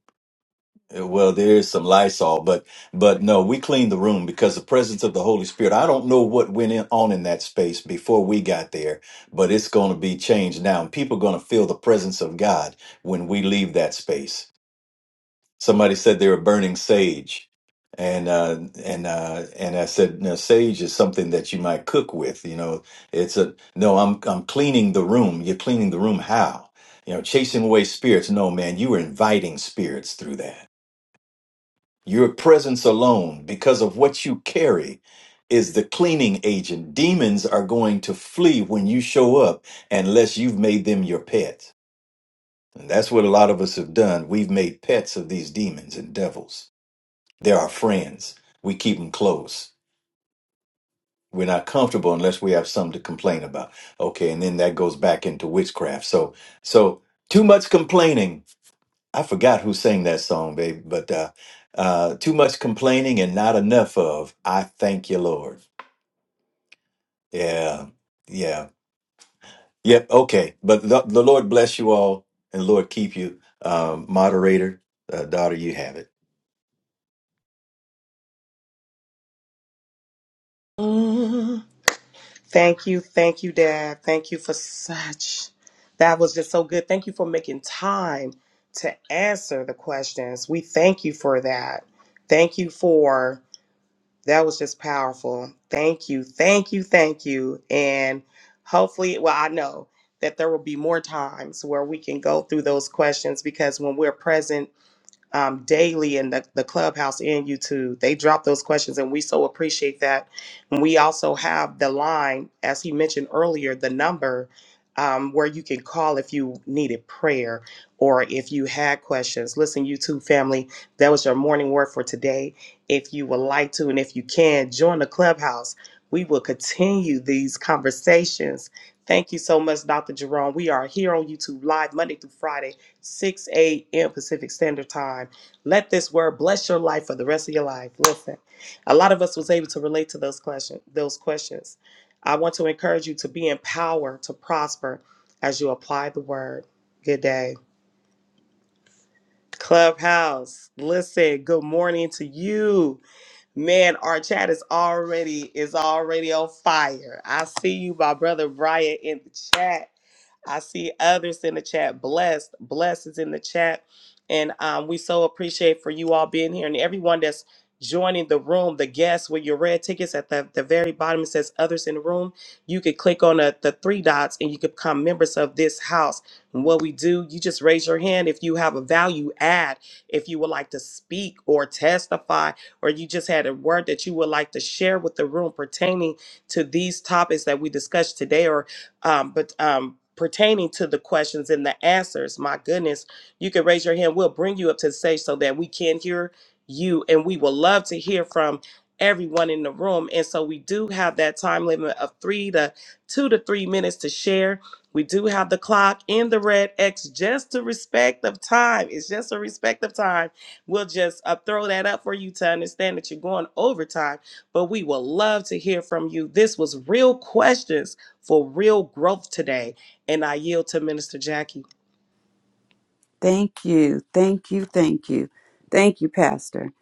Speaker 3: uh, Well, there is some Lysol, but but no, we cleaned the room because the presence of the Holy Spirit. I don't know what went in, on in that space before we got there, but it's going to be changed now, and people are going to feel the presence of God when we leave that space. Somebody said they were burning sage, and uh, and uh, and I said, no, sage is something that you might cook with. You know, it's a no. I'm I'm cleaning the room. You're cleaning the room how? You know, chasing away spirits. No, man, you were inviting spirits through that your presence alone, because of what you carry, is the cleaning agent. Demons are going to flee when you show up unless you've made them your pet. And that's what a lot of us have done. We've made pets of these demons and devils. They're our friends. We keep them close. We're not comfortable unless we have something to complain about. Okay, and then that goes back into witchcraft. So so too much complaining I forgot who sang that song, babe, but uh, uh, too much complaining and not enough of I thank you, Lord. Yeah, yeah, yep. Okay, but the, the Lord bless you all and Lord keep you, um, moderator, uh, daughter. You have it.
Speaker 1: well. Thank you, thank you, Dad. Thank you for such. That was just so good. Thank you for making time to answer the questions. We thank you for that. Thank you for that was just powerful. Thank you, thank you, thank you. And hopefully, well, I know that there will be more times where we can go through those questions because when we're present um, daily in the, the clubhouse and YouTube. They drop those questions, and we so appreciate that. And we also have the line, as he mentioned earlier, the number um, where you can call if you needed prayer or if you had questions. Listen, YouTube family, that was your morning word for today. If you would like to, and if you can, join the clubhouse. We will continue these conversations. Thank you so much, Dr. Jerome. We are here on YouTube Live Monday through Friday 6 a.m. Pacific Standard Time. Let this word bless your life for the rest of your life. Listen, a lot of us was able to relate to those question, those questions. I want to encourage you to be empowered to prosper as you apply the word. Good day. Clubhouse. Listen, good morning to you. Man, our chat is already is already on fire. I see you, my brother Brian, in the chat. I see others in the chat. Blessed, blessed is in the chat, and um, we so appreciate for you all being here and everyone that's joining the room. The guests with your red tickets at the, the very bottom it says others in the room. You could click on the, the three dots and you could become members of this house. And what we do, you just raise your hand if you have a value add, if you would like to speak or testify, or you just had a word that you would like to share with the room pertaining to these topics that we discussed today, or um, but um, pertaining to the questions and the answers. My goodness, you can raise your hand. We'll bring you up to the stage so that we can hear you, and we would love to hear from everyone in the room. And so we do have that time limit of three to two to three minutes to share we do have the clock in the red X just to respect of time. It's just a respect of time. We'll just uh, throw that up for you to understand that you're going overtime, but we will love to hear from you. This was real questions for real growth today. And I yield to Minister Jackie.
Speaker 4: Thank you. Thank you. Thank you. Thank you, Pastor.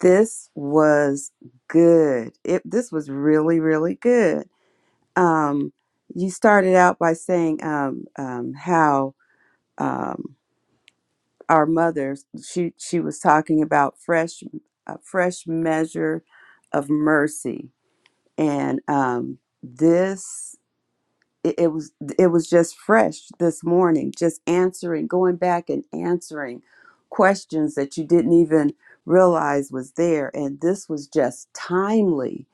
Speaker 4: This was good. It this was really, really good. Um, you started out by saying um, um, how um, our mothers she she was talking about fresh a fresh measure of mercy, and um, this it, it was it was just fresh this morning just answering going back and answering questions that you didn't even realize was there and this was just timely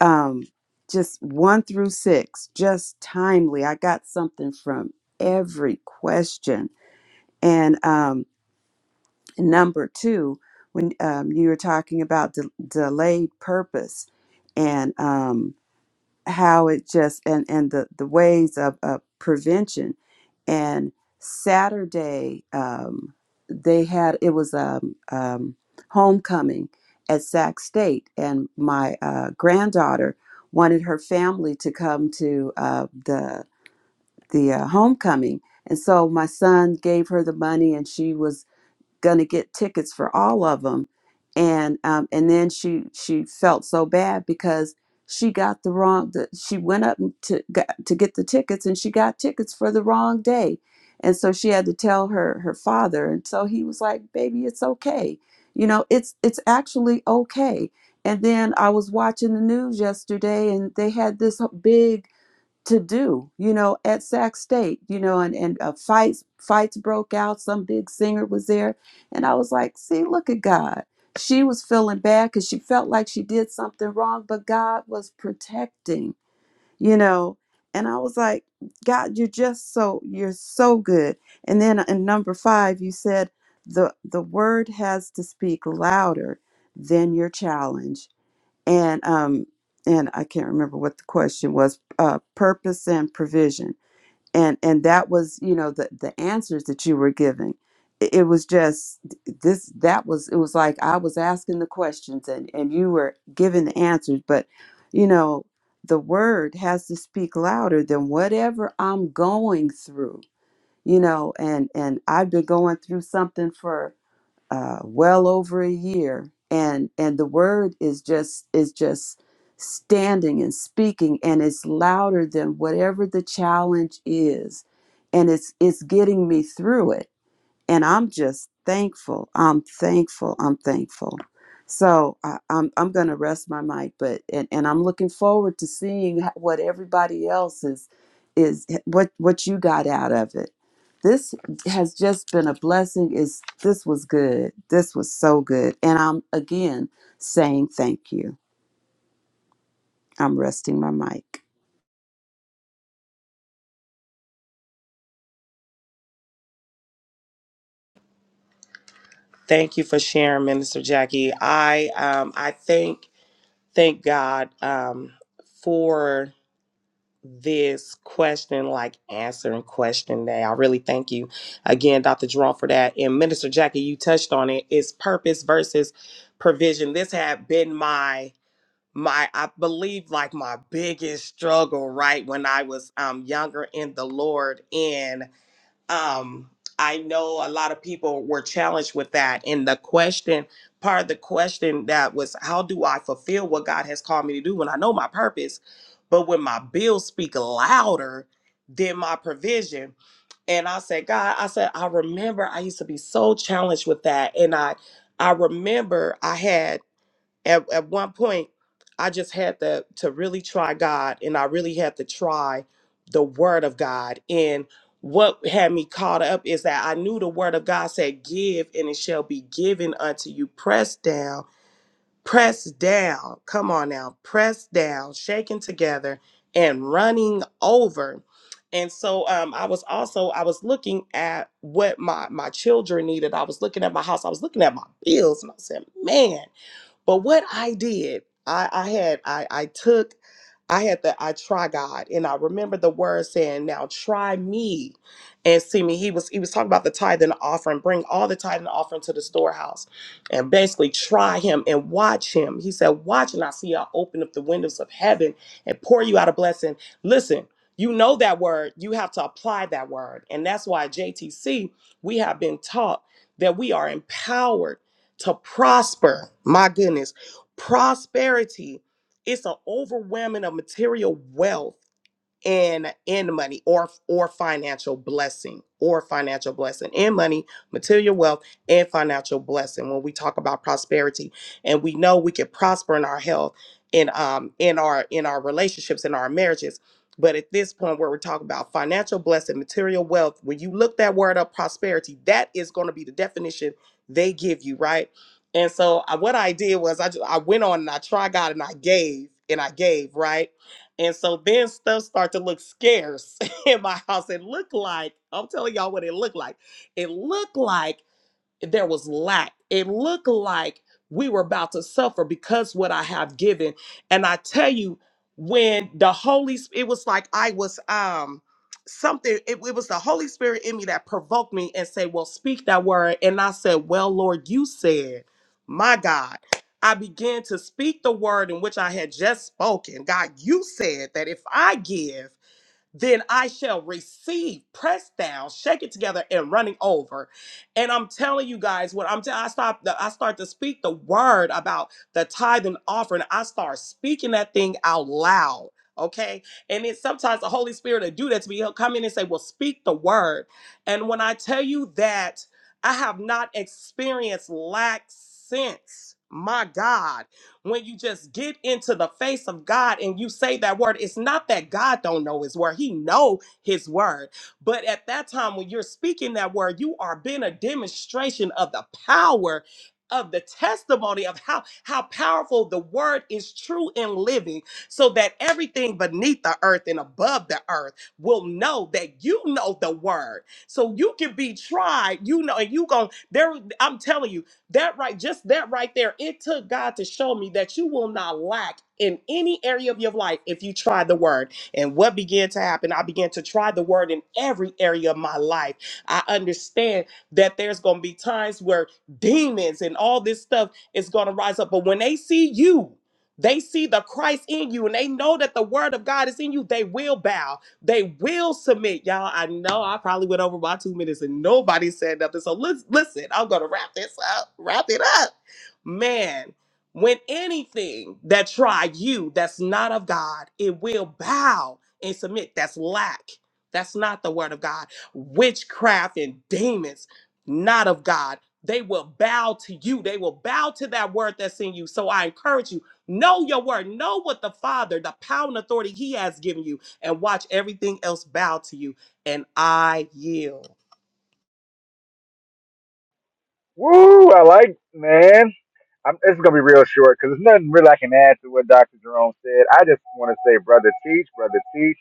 Speaker 4: um just one through six just timely i got something from every question and um number two when um, you were talking about de- delayed purpose and um how it just and and the the ways of, of prevention and saturday um they had it was um, um homecoming at sac state and my uh granddaughter wanted her family to come to uh the the uh, homecoming and so my son gave her the money and she was going to get tickets for all of them and um, and then she she felt so bad because she got the wrong the, she went up and to got, to get the tickets and she got tickets for the wrong day and so she had to tell her her father and so he was like baby it's okay you know it's it's actually okay and then i was watching the news yesterday and they had this big to do you know at sac state you know and and uh, fights fights broke out some big singer was there and i was like see look at god she was feeling bad because she felt like she did something wrong but god was protecting you know and i was like god you're just so you're so good and then in number five you said the the word has to speak louder than your challenge and um and i can't remember what the question was uh purpose and provision and and that was you know the the answers that you were giving it, it was just this that was it was like i was asking the questions and and you were giving the answers but you know the word has to speak louder than whatever i'm going through you know and and i've been going through something for uh, well over a year and and the word is just is just standing and speaking and it's louder than whatever the challenge is and it's it's getting me through it and I'm just thankful. I'm thankful. I'm thankful. So I, I'm I'm gonna rest my mic, but and, and I'm looking forward to seeing h- what everybody else is is what what you got out of it. This has just been a blessing. Is this was good. This was so good, and I'm again saying thank you. I'm resting my mic.
Speaker 1: Thank you for sharing, Minister Jackie. I um I thank thank God um for this question, like answering question day. I really thank you again, Dr. Jerome, for that. And Minister Jackie, you touched on it. It's purpose versus provision. This had been my my I believe like my biggest struggle, right, when I was um younger in the Lord. and um, I know a lot of people were challenged with that. And the question, part of the question that was, how do I fulfill what God has called me to do when I know my purpose? But when my bills speak louder than my provision, and I said, God, I said, I remember I used to be so challenged with that. And I I remember I had at, at one point i just had to to really try god and i really had to try the word of god and what had me caught up is that i knew the word of god said give and it shall be given unto you pressed down pressed down come on now pressed down shaken together and running over and so um, i was also i was looking at what my my children needed i was looking at my house i was looking at my bills and i said man but what I did, I, I had, I, I took I had to, I try God. And I remember the word saying, now try me and see me. He was, he was talking about the tithe and the offering, bring all the tithe and the offering to the storehouse and basically try him and watch him. He said, watch and I see I'll open up the windows of heaven and pour you out a blessing. Listen, you know that word, you have to apply that word. And that's why at JTC, we have been taught that we are empowered to prosper. My goodness, prosperity it's an overwhelming of material wealth in in money or or financial blessing or financial blessing in money material wealth and financial blessing when we talk about prosperity and we know we can prosper in our health in um in our in our relationships in our marriages but at this point where we're talking about financial blessing material wealth when you look that word up prosperity that is going to be the definition they give you right and so I, what i did was i just i went on and i tried god and i gave and i gave right and so then stuff start to look scarce in my house. It looked like, I'm telling y'all what it looked like. It looked like there was lack. It looked like we were about to suffer because what I have given. And I tell you, when the Holy Spirit, it was like I was um something, it, it was the Holy Spirit in me that provoked me and said, Well, speak that word. And I said, Well, Lord, you said, my God. I began to speak the word in which I had just spoken. God, you said that if I give, then I shall receive, pressed down, shake it together, and running over. And I'm telling you guys, when I'm t- I stop, I start to speak the word about the tithe and offering. I start speaking that thing out loud. Okay, and then sometimes the Holy Spirit will do that to me. He'll come in and say, "Well, speak the word." And when I tell you that I have not experienced lack since, my God when you just get into the face of God and you say that word, it's not that God don't know his word. He know his word. But at that time when you're speaking that word, you are being a demonstration of the power of the testimony of how how powerful the word is true and living so that everything beneath the earth and above the earth will know that you know the word so you can be tried you know and you gon' there i'm telling you that right, just that right there, it took God to show me that you will not lack in any area of your life if you try the word. And what began to happen, I began to try the word in every area of my life. I understand that there's going to be times where demons and all this stuff is going to rise up. But when they see you, they see the Christ in you and they know that the word of God is in you, they will bow they will submit, y'all. I know I probably went over my two minutes and nobody said nothing. So let's listen. I'm gonna wrap this up. Wrap it up, man. When anything that try you that's not of God, it will bow and submit. That's lack. That's not the word of God. Witchcraft and demons, not of God. They will bow to you. They will bow to that word that's in you. So I encourage you, know your word. Know what the Father, the power and authority He has given you and watch everything else bow to you. And I yield.
Speaker 5: Woo! I like, man. I'm, this is gonna be real short because there's nothing really I can add to what Dr. Jerome said. I just want to say, brother, teach, brother, teach,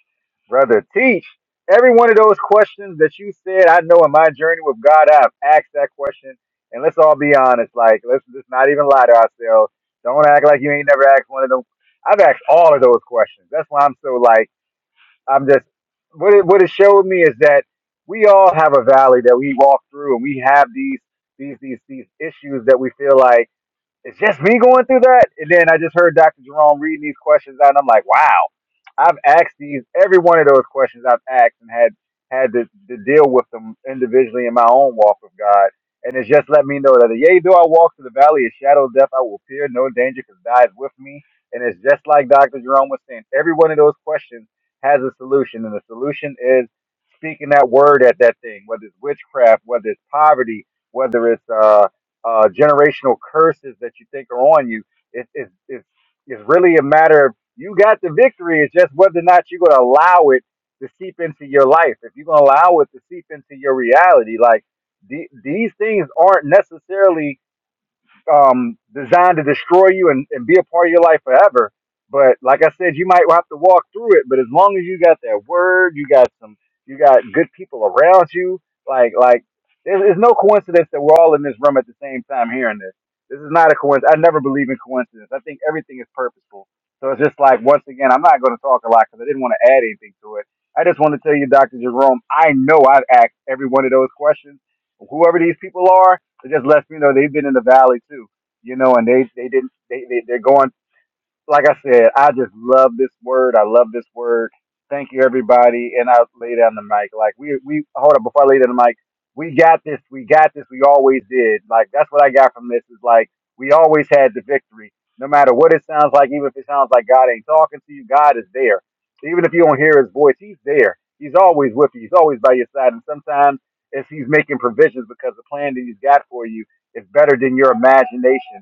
Speaker 5: brother, teach. Every one of those questions that you said, I know in my journey with God, I've asked that question. And let's all be honest. Like, let's just not even lie to ourselves. Don't act like you ain't never asked one of them. I've asked all of those questions. That's why I'm so like. I'm just what it what it showed me is that we all have a valley that we walk through, and we have these these these these issues that we feel like it's just me going through that. And then I just heard Dr. Jerome reading these questions out, and I'm like, wow, I've asked these every one of those questions I've asked and had had to, to deal with them individually in my own walk with God. And it's just let me know that yea, though I walk through the valley of shadow of death, I will fear no danger because God is with me. And it's just like Dr. Jerome was saying, every one of those questions has a solution, and the solution is speaking that word at that thing, whether it's witchcraft, whether it's poverty, whether it's uh, uh, generational curses that you think are on you. It, it, it, it's really a matter of you got the victory. It's just whether or not you're going to allow it to seep into your life. If you're going to allow it to seep into your reality, like the, these things aren't necessarily um, designed to destroy you and, and be a part of your life forever. But like I said, you might have to walk through it. But as long as you got that word, you got some, you got good people around you. Like like, there's, there's no coincidence that we're all in this room at the same time hearing this. This is not a coincidence. I never believe in coincidence. I think everything is purposeful. So it's just like once again, I'm not going to talk a lot because I didn't want to add anything to it. I just want to tell you, Doctor Jerome, I know I've asked every one of those questions. Whoever these people are, it just lets me know they've been in the valley too, you know, and they they didn't they, they they're going like I said, I just love this word. I love this word. Thank you, everybody. And I lay down the mic. Like we we hold up before I lay down the mic. We got this. We got this. We always did. Like that's what I got from this. Is like we always had the victory, no matter what it sounds like. Even if it sounds like God ain't talking to you, God is there. Even if you don't hear His voice, He's there. He's always with you. He's always by your side. And sometimes if He's making provisions because the plan that He's got for you is better than your imagination.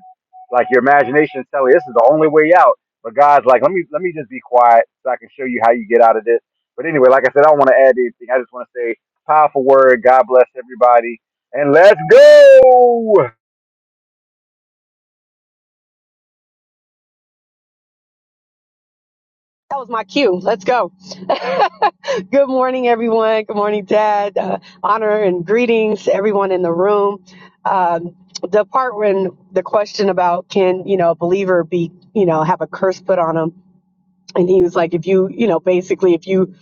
Speaker 5: Like your imagination is telling you this is the only way out but God's like, let me let me just be quiet so I can show you how you get out of this. But anyway, like I said, I don't want to add anything. I just want to say powerful word. God bless everybody, and let's go.
Speaker 6: That was my cue. Let's go. Good morning, everyone. Good morning, Dad. Uh, honor and greetings, everyone in the room. Um, the part when the question about can you know a believer be you know have a curse put on him, and he was like, if you you know basically if you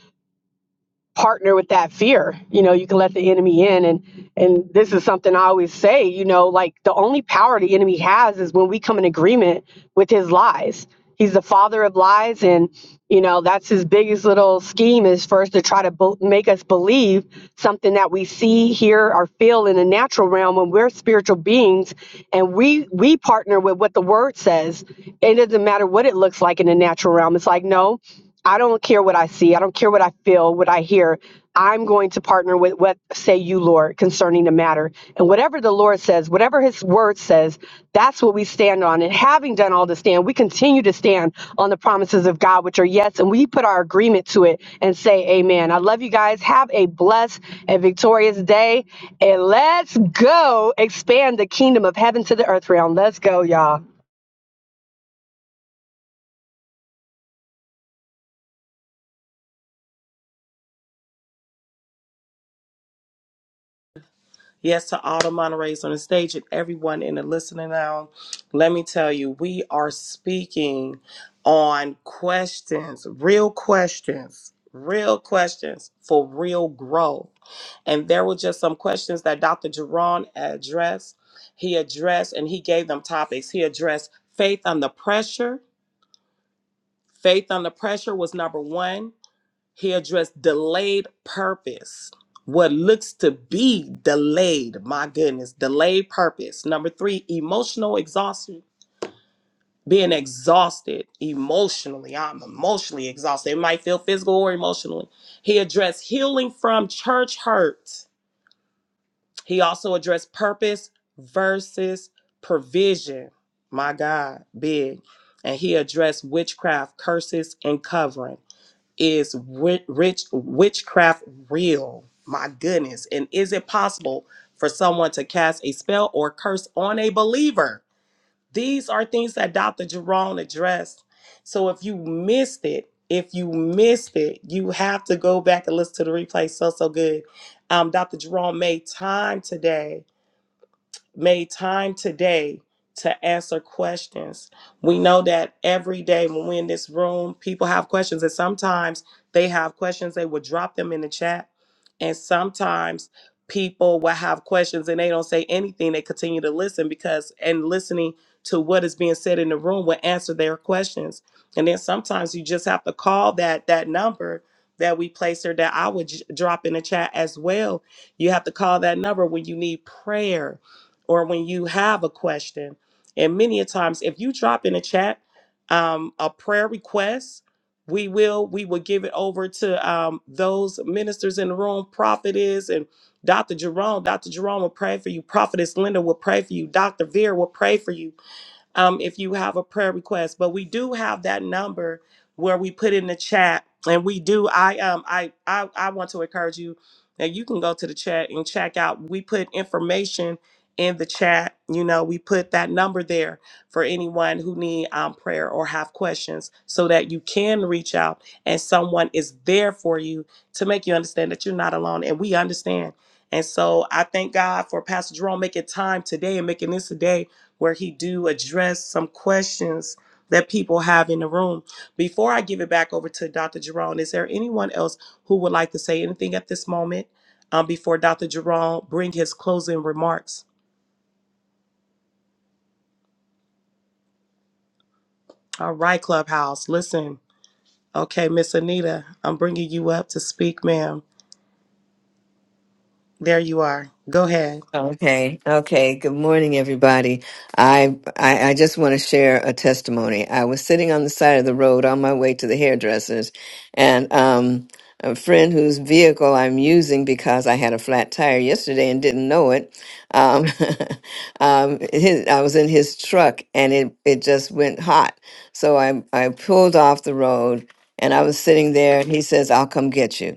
Speaker 6: partner with that fear you know you can let the enemy in and and this is something i always say you know like the only power the enemy has is when we come in agreement with his lies he's the father of lies and you know that's his biggest little scheme is first to try to bel- make us believe something that we see hear or feel in the natural realm when we're spiritual beings and we we partner with what the word says it doesn't matter what it looks like in the natural realm it's like no I don't care what I see. I don't care what I feel, what I hear. I'm going to partner with what say you, Lord, concerning the matter. And whatever the Lord says, whatever his word says, that's what we stand on. And having done all to stand, we continue to stand on the promises of God, which are yes. And we put our agreement to it and say, Amen. I love you guys. Have a blessed and victorious day. And let's go expand the kingdom of heaven to the earth realm. Let's go, y'all.
Speaker 1: Yes, to all the Monterey's on the stage and everyone in the listening now. Let me tell you, we are speaking on questions, real questions, real questions for real growth. And there were just some questions that Dr. Jerron addressed. He addressed and he gave them topics. He addressed faith under pressure. Faith under pressure was number one He addressed delayed purpose. What looks to be delayed, my goodness, delayed purpose. Number three, emotional exhaustion. Being exhausted emotionally. I'm emotionally exhausted. It might feel physical or emotionally. He addressed healing from church hurt. He also addressed purpose versus provision. My God, big. And he addressed witchcraft, curses, and covering is wi- rich witchcraft real my goodness and is it possible for someone to cast a spell or curse on a believer these are things that dr jerome addressed so if you missed it if you missed it you have to go back and listen to the replay so so good um, dr jerome made time today made time today to answer questions. We know that every day when we're in this room, people have questions, and sometimes they have questions, they will drop them in the chat. And sometimes people will have questions and they don't say anything, they continue to listen because, and listening to what is being said in the room will answer their questions. And then sometimes you just have to call that that number that we place or that I would j- drop in the chat as well. You have to call that number when you need prayer or when you have a question. And many a times, if you drop in a chat um, a prayer request, we will we will give it over to um, those ministers in the room, prophetess and Dr. Jerome. Dr. Jerome will pray for you. Prophetess Linda will pray for you. Dr. Veer will pray for you um, if you have a prayer request. But we do have that number where we put in the chat, and we do. I um I I, I want to encourage you that you can go to the chat and check out. We put information in the chat. You know, we put that number there for anyone who need um, prayer or have questions, so that you can reach out and someone is there for you to make you understand that you're not alone, and we understand. And so I thank God for Pastor Jerome making time today and making this a day where he do address some questions that people have in the room. Before I give it back over to Dr. Jerome, is there anyone else who would like to say anything at this moment um, before Dr. Jerome bring his closing remarks? All right, Clubhouse, listen. Okay, Miss Anita, I'm bringing you up to speak, ma'am. There you are. Go ahead.
Speaker 7: Okay, okay. Good morning, everybody. I, I I just want to share a testimony. I was sitting on the side of the road on my way to the hairdressers, and um, a friend whose vehicle I'm using because I had a flat tire yesterday and didn't know it. Um, um, his, I was in his truck, and it it just went hot. So I I pulled off the road, and I was sitting there, and he says, "I'll come get you."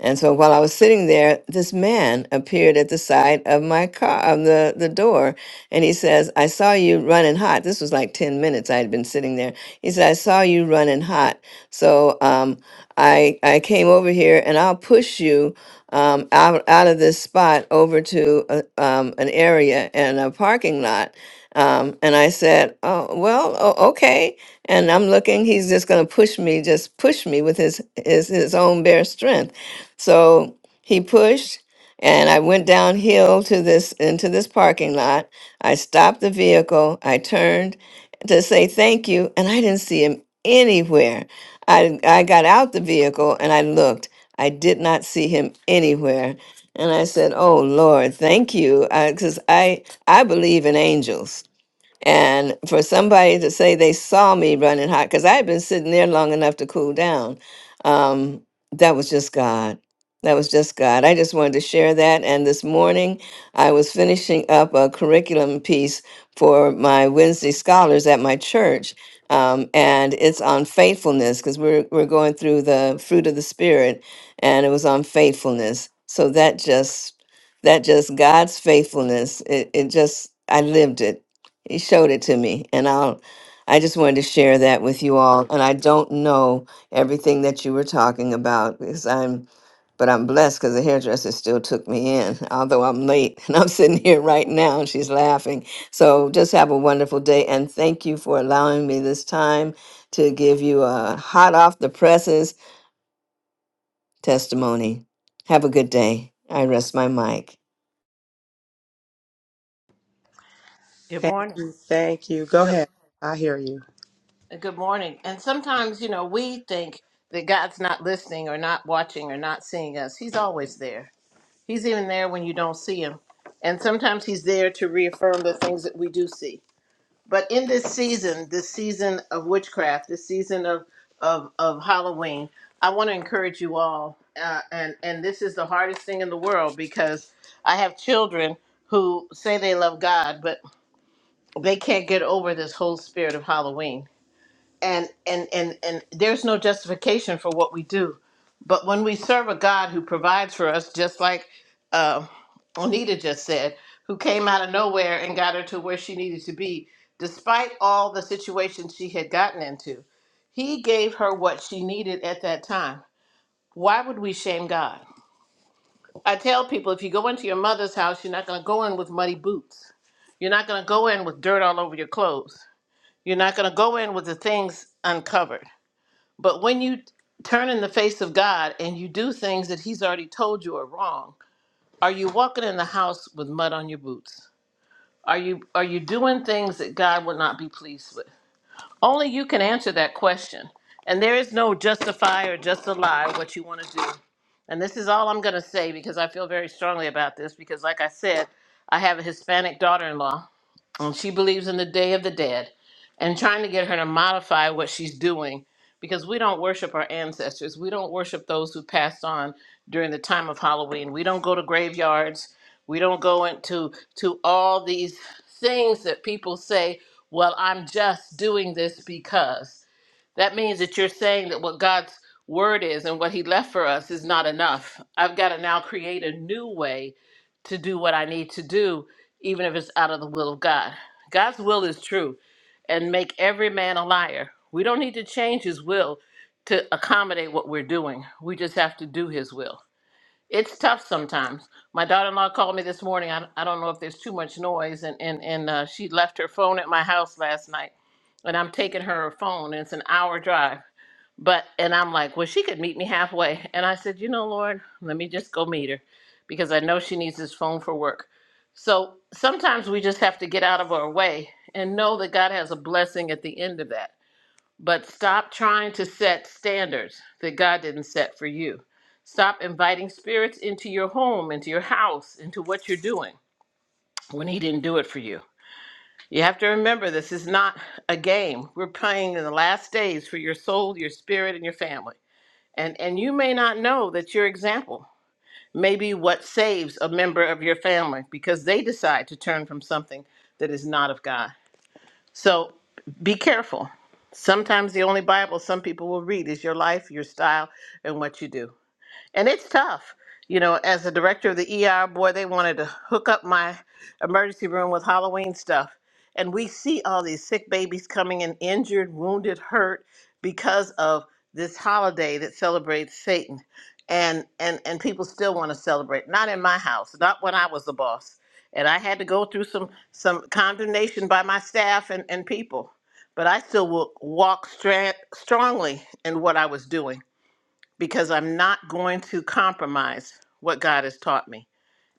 Speaker 7: And so while I was sitting there, this man appeared at the side of my car, of the, the door. And he says, I saw you running hot. This was like 10 minutes I had been sitting there. He said, I saw you running hot. So um, I, I came over here and I'll push you um, out, out of this spot over to a, um, an area and a parking lot. Um, and I said, oh, well, o- okay. And I'm looking, he's just going to push me, just push me with his, his, his own bare strength. So he pushed and I went downhill to this into this parking lot. I stopped the vehicle. I turned to say thank you and I didn't see him anywhere. I I got out the vehicle and I looked. I did not see him anywhere. And I said, "Oh Lord, thank you, because I, 'cause I I believe in angels. And for somebody to say they saw me running hot, because I had been sitting there long enough to cool down, um, that was just God. That was just God. I just wanted to share that. And this morning, I was finishing up a curriculum piece for my Wednesday scholars at my church. Um, and it's on faithfulness because we're, we're going through the fruit of the Spirit, and it was on faithfulness. So that just that just God's faithfulness. It, it just I lived it he showed it to me, and I'll. I just wanted to share that with you all, and I don't know everything that you were talking about because I'm. But I'm blessed because the hairdresser still took me in, although I'm late and I'm sitting here right now and she's laughing. So just have a wonderful day and thank you for allowing me this time to give you a hot off the presses testimony. Have a good day. I rest my mic.
Speaker 2: Good
Speaker 1: Thank
Speaker 2: morning.
Speaker 1: you. Thank you. Go ahead. I hear you.
Speaker 2: Uh, Good morning. And sometimes, you know, we think that God's not listening or not watching or not seeing us. He's always there. He's even there when you don't see him. And sometimes he's there to reaffirm the things that we do see. But in this season, this season of witchcraft, this season of of, of Halloween, I want to encourage you all. Uh, and and this is the hardest thing in the world because I have children who say they love God, but they can't get over this whole spirit of Halloween and and and and there's no justification for what we do but when we serve a god who provides for us just like uh, onita just said who came out of nowhere and got her to where she needed to be despite all the situations she had gotten into he gave her what she needed at that time why would we shame god i tell people if you go into your mother's house you're not going to go in with muddy boots you're not going to go in with dirt all over your clothes you're not going to go in with the things uncovered but when you turn in the face of God and you do things that He's already told you are wrong, are you walking in the house with mud on your boots? Are you are you doing things that God would not be pleased with? Only you can answer that question. And there is no justify or just a lie what you want to do. And this is all I'm going to say because I feel very strongly about this because like I said, I have a Hispanic daughter-in-law and she believes in the day of the dead and trying to get her to modify what she's doing because we don't worship our ancestors we don't worship those who passed on during the time of halloween we don't go to graveyards we don't go into to all these things that people say well i'm just doing this because that means that you're saying that what God's word is and what he left for us is not enough. I've got to now create a new way to do what I need to do, even if it's out of the will of God. God's will is true and make every man a liar. We don't need to change his will to accommodate what we're doing, we just have to do his will. It's tough sometimes. My daughter-in-law called me this morning. I, I don't know if there's too much noise, and and and uh, she left her phone at my house last night, and I'm taking her phone, and it's an hour drive. But and I'm like, well, she could meet me halfway, and I said, you know, Lord, let me just go meet her, because I know she needs this phone for work. So sometimes we just have to get out of our way and know that God has a blessing at the end of that. But stop trying to set standards that God didn't set for you. Stop inviting spirits into your home, into your house, into what you're doing when He didn't do it for you. You have to remember this is not a game. We're playing in the last days for your soul, your spirit, and your family. And, and you may not know that your example may be what saves a member of your family because they decide to turn from something that is not of God. So be careful. Sometimes the only Bible some people will read is your life, your style, and what you do and it's tough. You know, as the director of the ER, boy, they wanted to hook up my emergency room with Halloween stuff. And we see all these sick babies coming in injured, wounded, hurt because of this holiday that celebrates Satan. And and and people still want to celebrate. Not in my house, not when I was the boss. And I had to go through some some condemnation by my staff and, and people. But I still will walk stra- strongly in what I was doing because I'm not going to compromise what God has taught me.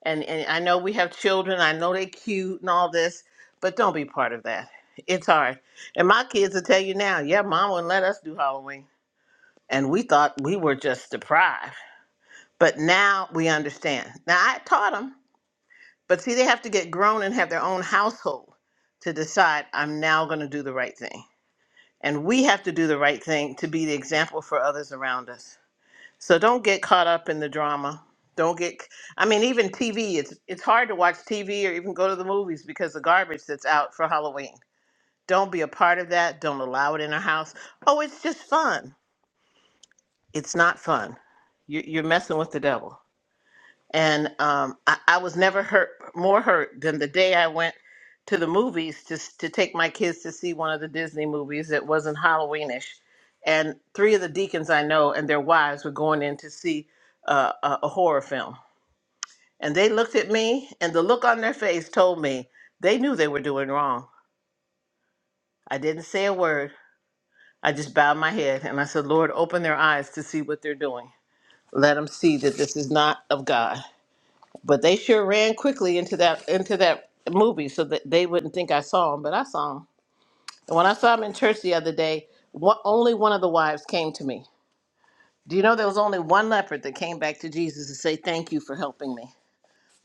Speaker 2: And, and I know we have children, I know they're cute and all this, but don't be part of that. It's hard. And my kids will tell you now, yeah, mom wouldn't let us do Halloween. And we thought we were just deprived. But now we understand. Now I taught them, but see, they have to get grown and have their own household to decide I'm now going to do the right thing. And we have to do the right thing to be the example for others around us. So don't get caught up in the drama. Don't get. I mean, even TV. It's it's hard to watch TV or even go to the movies because the garbage that's out for Halloween. Don't be a part of that. Don't allow it in our house. Oh, it's just fun. It's not fun. You- You're messing with the devil. And um, I, I was never hurt more hurt than the day I went to the movies to s- to take my kids to see one of the Disney movies that wasn't Halloweenish. And three of the deacons I know and their wives were going in to see uh, a, a horror film. And they looked at me, and the look on their face told me they knew they were doing wrong. I didn't say a word. I just bowed my head and I said, Lord, open their eyes to see what they're doing. Let them see that this is not of God. But they sure ran quickly into that into that movie so that they wouldn't think I saw him, but I saw him. And when I saw him in church the other day, one, only one of the wives came to me. Do you know there was only one leopard that came back to Jesus to say thank you for helping me?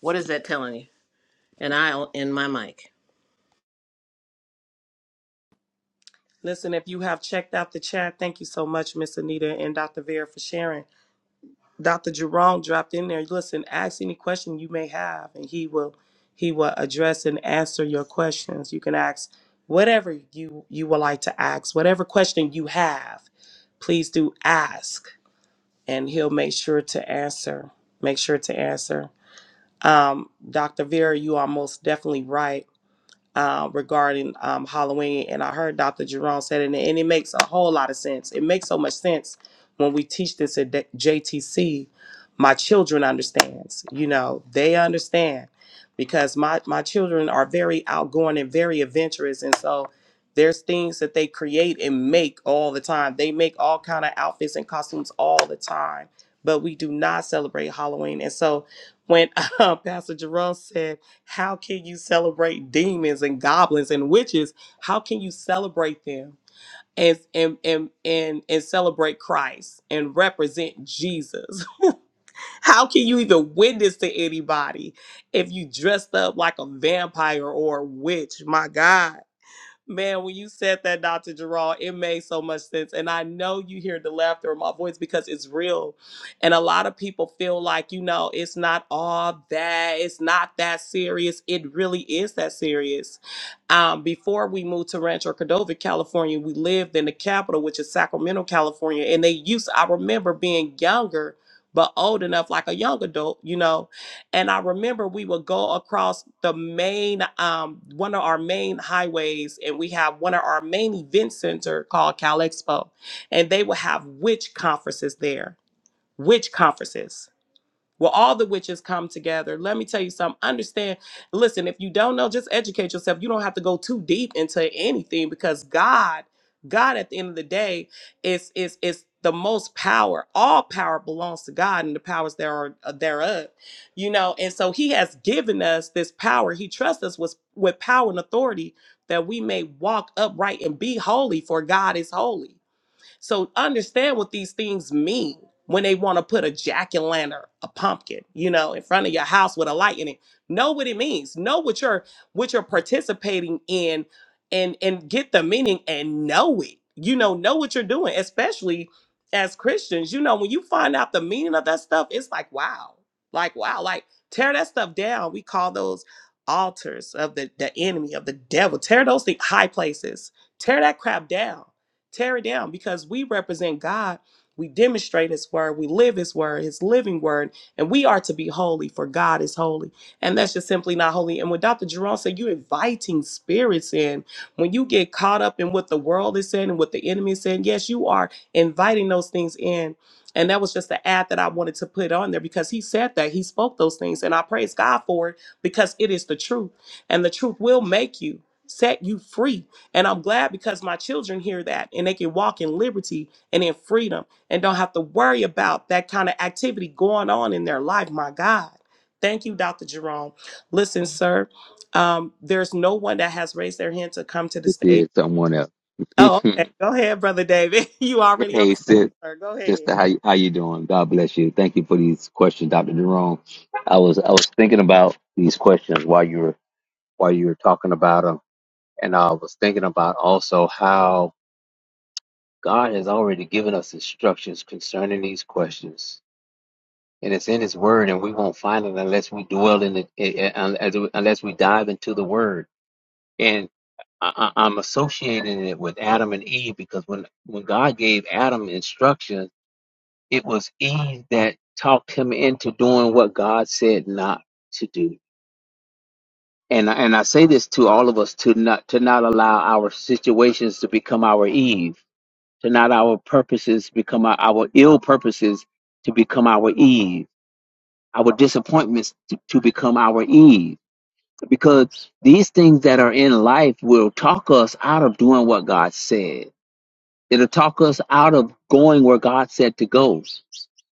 Speaker 2: What is that telling you? And I in my mic.
Speaker 1: Listen, if you have checked out the chat, thank you so much, Miss Anita and Dr. Vera, for sharing. Dr. Jerome dropped in there. Listen, ask any question you may have, and he will he will address and answer your questions. You can ask whatever you you would like to ask, whatever question you have. Please do ask, and he'll make sure to answer. Make sure to answer. Um, Dr. Vera, you are most definitely right uh, regarding um, Halloween, and I heard Dr. Jerome said it, and and it makes a whole lot of sense. It makes so much sense when we teach this at D- JTC. My children understands, you know, they understand because my my children are very outgoing and very adventurous, and so there's things that they create and make all the time. They make all kind of outfits and costumes all the time, but we do not celebrate Halloween, and so when Pastor Jerome said how can you celebrate demons and goblins and witches? How can you celebrate them and and and and, and celebrate Christ and represent Jesus? How can you even witness to anybody if you dressed up like a vampire or a witch? My God Man, when you said that, Dr. Gerald, it made so much sense. And I know you hear the laughter in my voice because it's real. And a lot of people feel like, you know, it's not all that, it's not that serious. It really is that serious. Um, before we moved to Rancho Cordova, California, we lived in the capital, which is Sacramento, California. And they used, I remember being younger, but old enough, like a young adult, you know and I remember we would go across the main, um, one of our main highways, and we have one of our main event center called Cal Expo, and they would have witch conferences there, witch conferences. Well, all the witches come together. Let me tell you something. Understand, listen, if you don't know, just educate yourself. You don't have to go too deep into anything because God, God at the end of the day is is is the most power. All power belongs to God and the powers there are uh, thereof. You know, and so he has given us this power. He trusts us with, with power and authority that we may walk upright and be holy, for God is holy. So understand what these things mean when they want to put a jack o' lantern, a pumpkin, you know, in front of your house with a light in it. Know what it means. Know what you're what you're participating in and and get the meaning and know it. You know, know what you're doing, especially as Christians. You know, when you find out the meaning of that stuff, it's like, wow. Like, wow, like tear that stuff down. We call those altars of the, the enemy, of the devil. Tear those things high places. Tear that crap down Tear it down because we represent God. We demonstrate His word. We live His word, His living word, and we are to be holy, for God is holy. And that's just simply not holy. And when Dr. Jerome said, you're inviting spirits in, when you get caught up in what the world is saying and what the enemy is saying, yes, you are inviting those things in. And that was just the ad that I wanted to put on there because he said that. He spoke those things. And I praise God for it because it is the truth. And the truth will make you, set you free and I'm glad because my children hear that and they can walk in liberty and in freedom and don't have to worry about that kind of activity going on in their life. My God. Thank you, Dr. Jerome. Listen, sir, um, there's no one that has raised their hand to come to the
Speaker 8: It
Speaker 1: stage.
Speaker 8: did someone else.
Speaker 1: Oh, okay. Go ahead, Brother David. You already on
Speaker 8: hey,
Speaker 1: the
Speaker 8: sis,
Speaker 1: stage, sir. Go ahead.
Speaker 8: sister, how you, how you doing? God bless you. Thank you for these questions, Doctor Jerome. I was I was thinking about these questions while you were while you were talking about them, and I was thinking about also how God has already given us instructions concerning these questions, and it's in His Word, and we won't find it unless we dwell in it, eh, eh, unless unless we dive into the Word and I, I- I'm associating it with Adam and Eve because when when God gave Adam instructions, it was Eve that talked him into doing what God said not to do. And I- and I say this to all of us to not to not allow our situations to become our Eve, to not our purposes become our, our ill purposes to become our Eve, our disappointments to, to become our Eve because these things that are in life will talk us out of doing what God said. It'll talk us out of going where God said to go.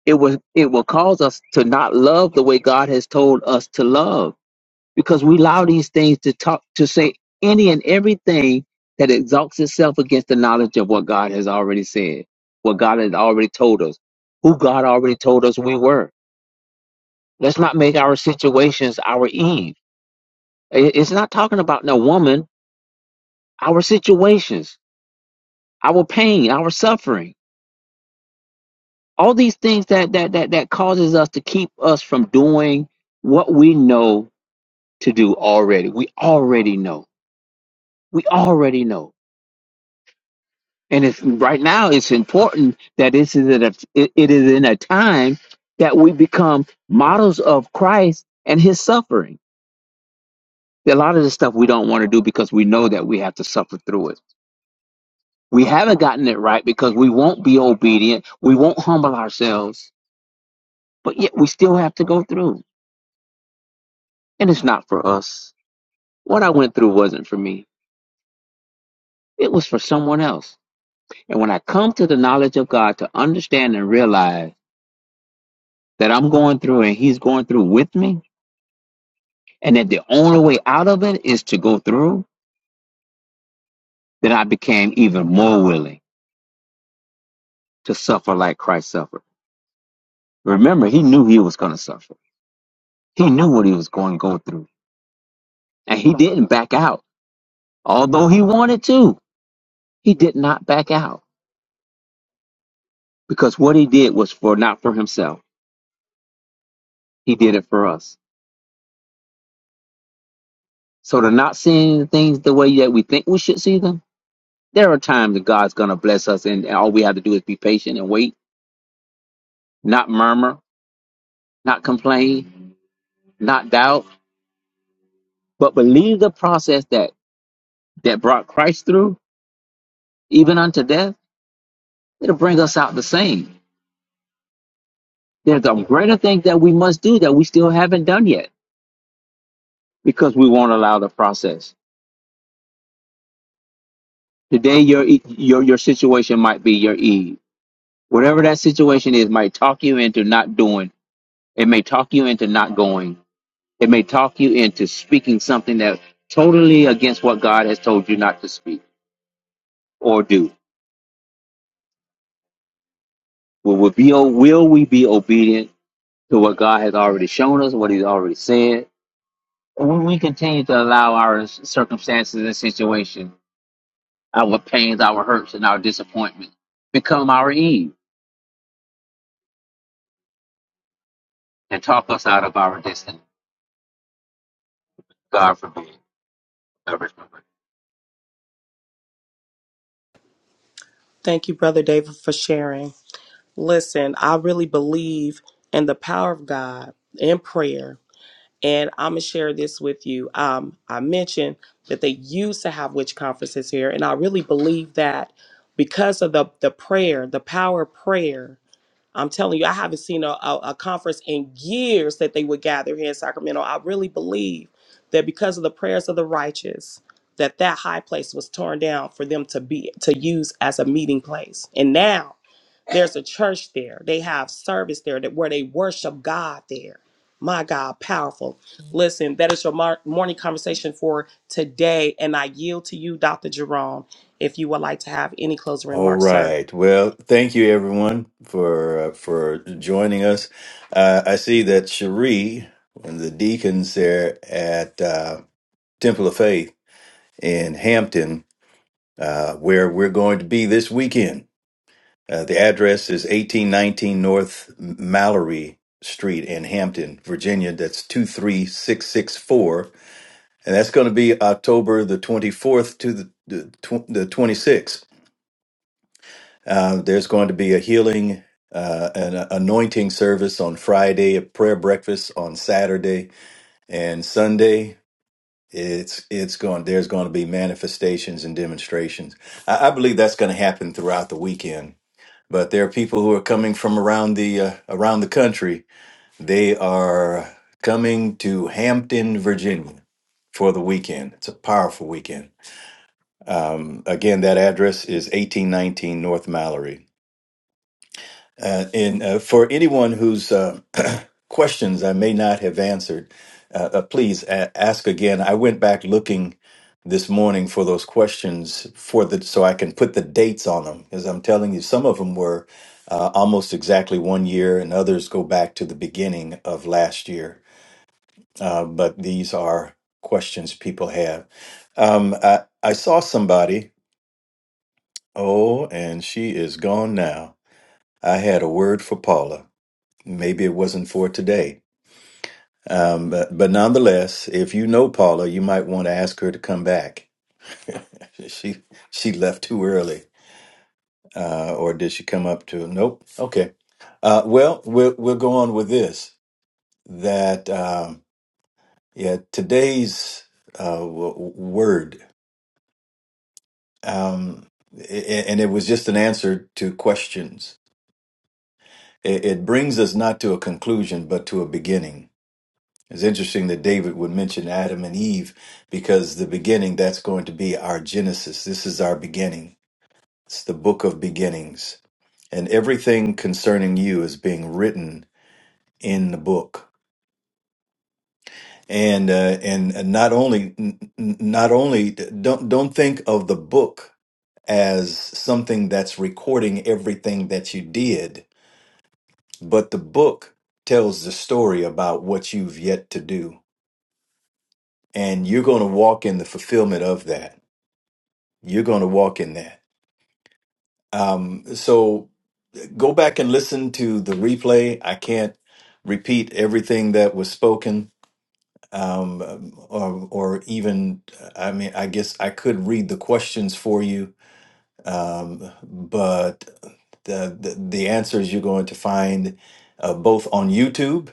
Speaker 8: It will it will cause us to not love the way God has told us to love because we allow these things to talk to say any and everything that exalts itself against the knowledge of what God has already said, what God has already told us, who God already told us we were. Let's not make our situations our Eve. It- It's not talking about no woman our situations, our pain, our suffering, all these things that that that that causes us to keep us from doing what we know to do already. We already know. We already know. And it's right now it's important that this is at a, it, it is in a time that we become models of Christ and his suffering. A lot of the stuff we don't want to do because we know that we have to suffer through it. We haven't gotten it right because we won't be obedient. We won't humble ourselves But yet we still have to go through. And it's not for us. What I went through wasn't for me. It was for someone else. And when I come to the knowledge of God to understand and realize that I'm going through and he's going through with me, and that the only way out of it is to go through, then I became even more willing to suffer like Christ suffered. Remember, he knew he was going to suffer. He knew what he was going to go through. And he didn't back out. Although he wanted to, he did not back out because what he did was for not for himself He did it for us. So to not seeing things the way that we think we should see them, there are times that God's going to bless us, and, and all we have to do is be patient and wait, not murmur, not complain, not doubt, but believe the process that that brought Christ through, even unto death. It'll bring us out the same. There's a greater thing that we must do that we still haven't done yet because we won't allow the process. Today, your E- your your situation might be your Eve. Whatever that situation is, might talk you into not doing It may talk you into not going. It may talk you into speaking something that totally against what God has told you not to speak or do. Will we be will we be obedient to what God has already shown us, what He's already said? And when we continue to allow our circumstances and situation, our pains, our hurts, and our disappointment become our Eve and talk us out of our destiny, God forbid.
Speaker 1: Thank you, Brother David, for sharing. Listen, I really believe in the power of God in prayer And I'm gonna share this with you. Um, I mentioned that they used to have witch conferences here, and I really believe that because of the the prayer, the power of prayer, I'm telling you, I haven't seen a, a, a conference in years that they would gather here in Sacramento. I really believe that because of the prayers of the righteous, that that high place was torn down for them to be to use as a meeting place. And now there's a church there. They have service there that where they worship God there. My God, powerful. Listen, that is your mar- morning conversation for today, and I yield to you, Dr. Jerome, if you would like to have any closing
Speaker 3: All
Speaker 1: remarks, sir.
Speaker 3: right. Well, thank you everyone for uh, for joining us. Uh, I see that Cherie, one of the deacons there at uh, Temple of Faith in Hampton, uh, where we're going to be this weekend Uh, the address is 1819 North Mallory Street in Hampton, Virginia. That's 23664. And that's going to be October the 24th to the, the, tw- the 26th. Uh, there's going to be a healing uh, an anointing service on Friday, a prayer breakfast on Saturday, and Sunday. It's it's going. There's going to be manifestations and demonstrations. I, I believe that's going to happen throughout the weekend but there are people who are coming from around the uh, around the country. They are coming to Hampton, Virginia, for the weekend. It's a powerful weekend. Um, Again, that address is 1819 North Mallory. Uh, and uh, for anyone who's uh, questions I may not have answered, uh, uh, please a- ask again. I went back looking this morning for those questions for the so I can put the dates on them because I'm telling you some of them were uh, almost exactly one year and others go back to the beginning of last year. Uh, but these are questions people have. Um, I, I saw somebody. Oh, and she is gone now. I had a word for Paula. Maybe it wasn't for today Um, but, but nonetheless, if you know Paula, you might want to ask her to come back. She she left too early, uh, or did she come up to? Nope. Okay. Uh, well, we'll we'll go on with this. That um, yeah, today's uh, w- word, um, a- and it was just an answer to questions. It, it brings us not to a conclusion, but to a beginning It's interesting that David would mention Adam and Eve because the beginning, that's going to be our Genesis. This is our beginning. It's the book of beginnings. And everything concerning you is being written in the book. And, uh, and not only, n- n- not only, don't, don't think of the book as something that's recording everything that you did, but the book tells the story about what you've yet to do. And you're going to walk in the fulfillment of that You're going to walk in that. Um, so go back and listen to the replay. I can't repeat everything that was spoken, um, or, or even, I mean, I guess I could read the questions for you, um, but the, the, the answers you're going to find uh, both on YouTube.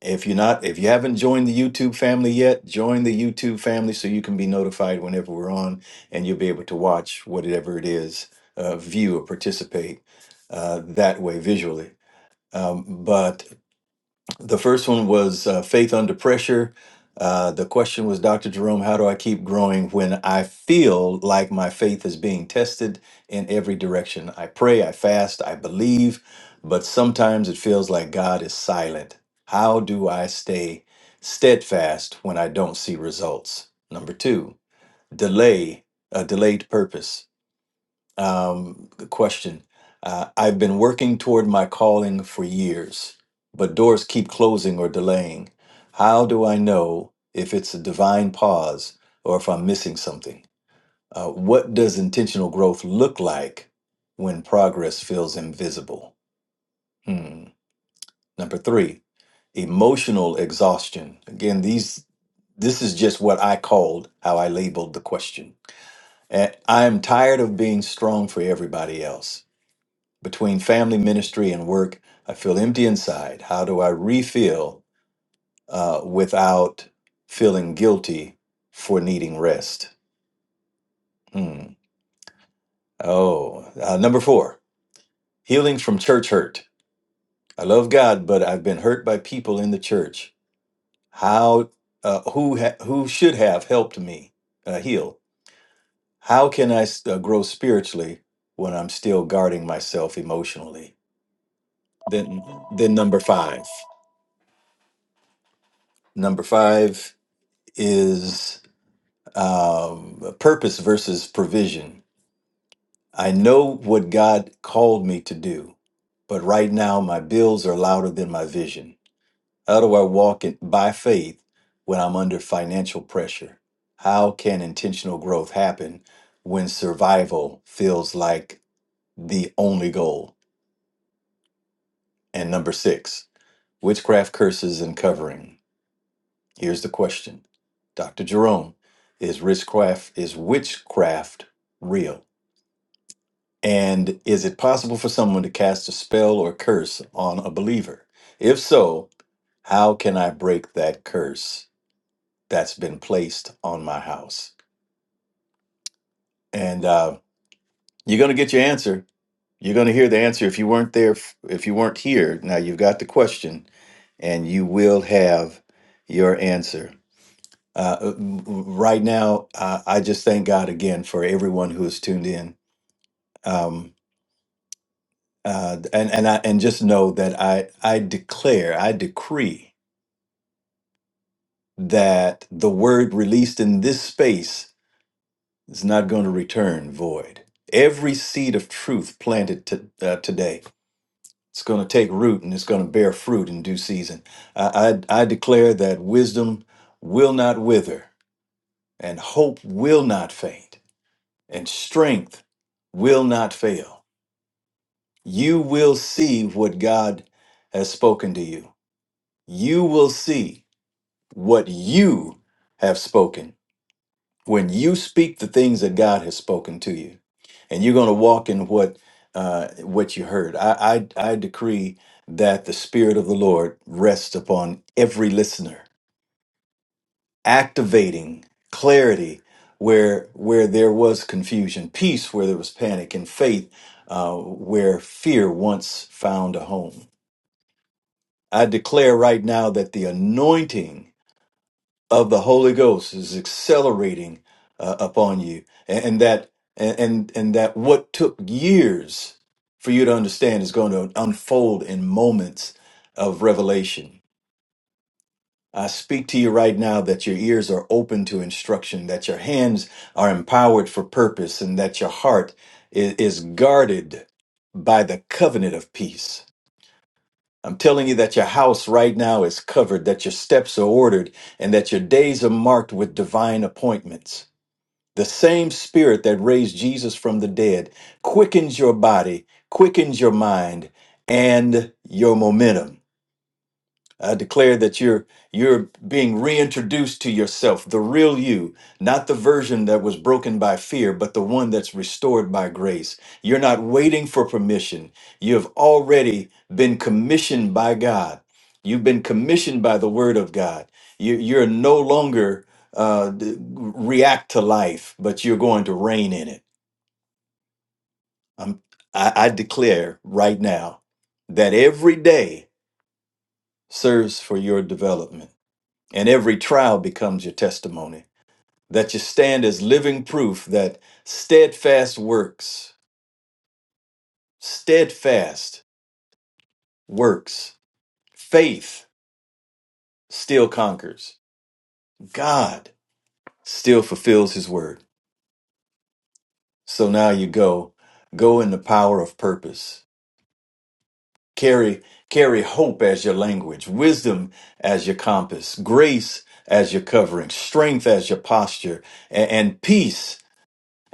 Speaker 3: If you're not, if you haven't joined the YouTube family yet, join the YouTube family so you can be notified whenever we're on, and you'll be able to watch whatever it is, uh, view or participate uh, that way visually. Um, but the first one was uh, Faith Under Pressure. Uh, the question was, Dr. Jerome, how do I keep growing when I feel like my faith is being tested in every direction? I pray, I fast, I believe, but sometimes it feels like God is silent. How do I stay steadfast when I don't see results? Number two, delay, a delayed purpose. Um, question uh, I've been working toward my calling for years, but doors keep closing or delaying. How do I know if it's a divine pause or if I'm missing something? Uh, what does intentional growth look like when progress feels invisible? Hmm. Number three, emotional exhaustion. Again, these this is just what I called how I labeled the question. And I'm tired of being strong for everybody else between family ministry and work i feel empty inside how do i refill uh, without feeling guilty for needing rest Hmm. oh uh, number four healings from church hurt i love god but i've been hurt by people in the church how uh, who ha- who should have helped me uh, heal how can i s- uh, grow spiritually when i'm still guarding myself emotionally then then number five number five is um, purpose versus provision. I know what God called me to do, but right now my bills are louder than my vision. How do I walk in, by faith when I'm under financial pressure? How can intentional growth happen when survival feels like the only goal? And number six, witchcraft curses and covering. Here's the question Dr. Jerome, is witchcraft, is witchcraft real? And is it possible for someone to cast a spell or curse on a believer? If so, how can I break that curse that's been placed on my house? And uh, you're going to get your answer. You're going to hear the answer if you weren't there, if you weren't here. Now you've got the question, and you will have your answer. Uh, right now, uh, I just thank God again for everyone who has tuned in. Um, uh, and and I and just know that I I declare I decree that the word released in this space is not going to return void. Every seed of truth planted to, uh, today, it's going to take root and it's going to bear fruit in due season. I, I I declare that wisdom will not wither, and hope will not faint, and strength will not fail. You will see what God has spoken to you. You will see what you have spoken when you speak the things that God has spoken to you, and you're going to walk in what uh, what you heard. I, I I decree that the Spirit of the Lord rests upon every listener, activating clarity where where there was confusion, peace where there was panic, and faith uh, where fear once found a home. I declare right now that the anointing of the Holy Ghost is accelerating uh, upon you, and, and that and, and and that what took years for you to understand is going to unfold in moments of revelation. I speak to you right now that your ears are open to instruction, that your hands are empowered for purpose, and that your heart is, is guarded by the covenant of peace. I'm telling you that your house right now is covered, that your steps are ordered, and that your days are marked with divine appointments. The same spirit that raised Jesus from the dead quickens your body, quickens your mind, and your momentum. I declare that you're you're being reintroduced to yourself, the real you, not the version that was broken by fear, but the one that's restored by grace. You're not waiting for permission. You have already been commissioned by God. You've been commissioned by the Word of God. You, you're no longer uh, d- react to life, but you're going to reign in it. I'm, I, I declare right now that every day serves for your development and every trial becomes your testimony, that you stand as living proof that steadfast works, steadfast works, faith still conquers, God still fulfills his word. So now you go, go in the power of purpose. Carry, carry hope as your language, wisdom as your compass, grace as your covering, strength as your posture, a- and, peace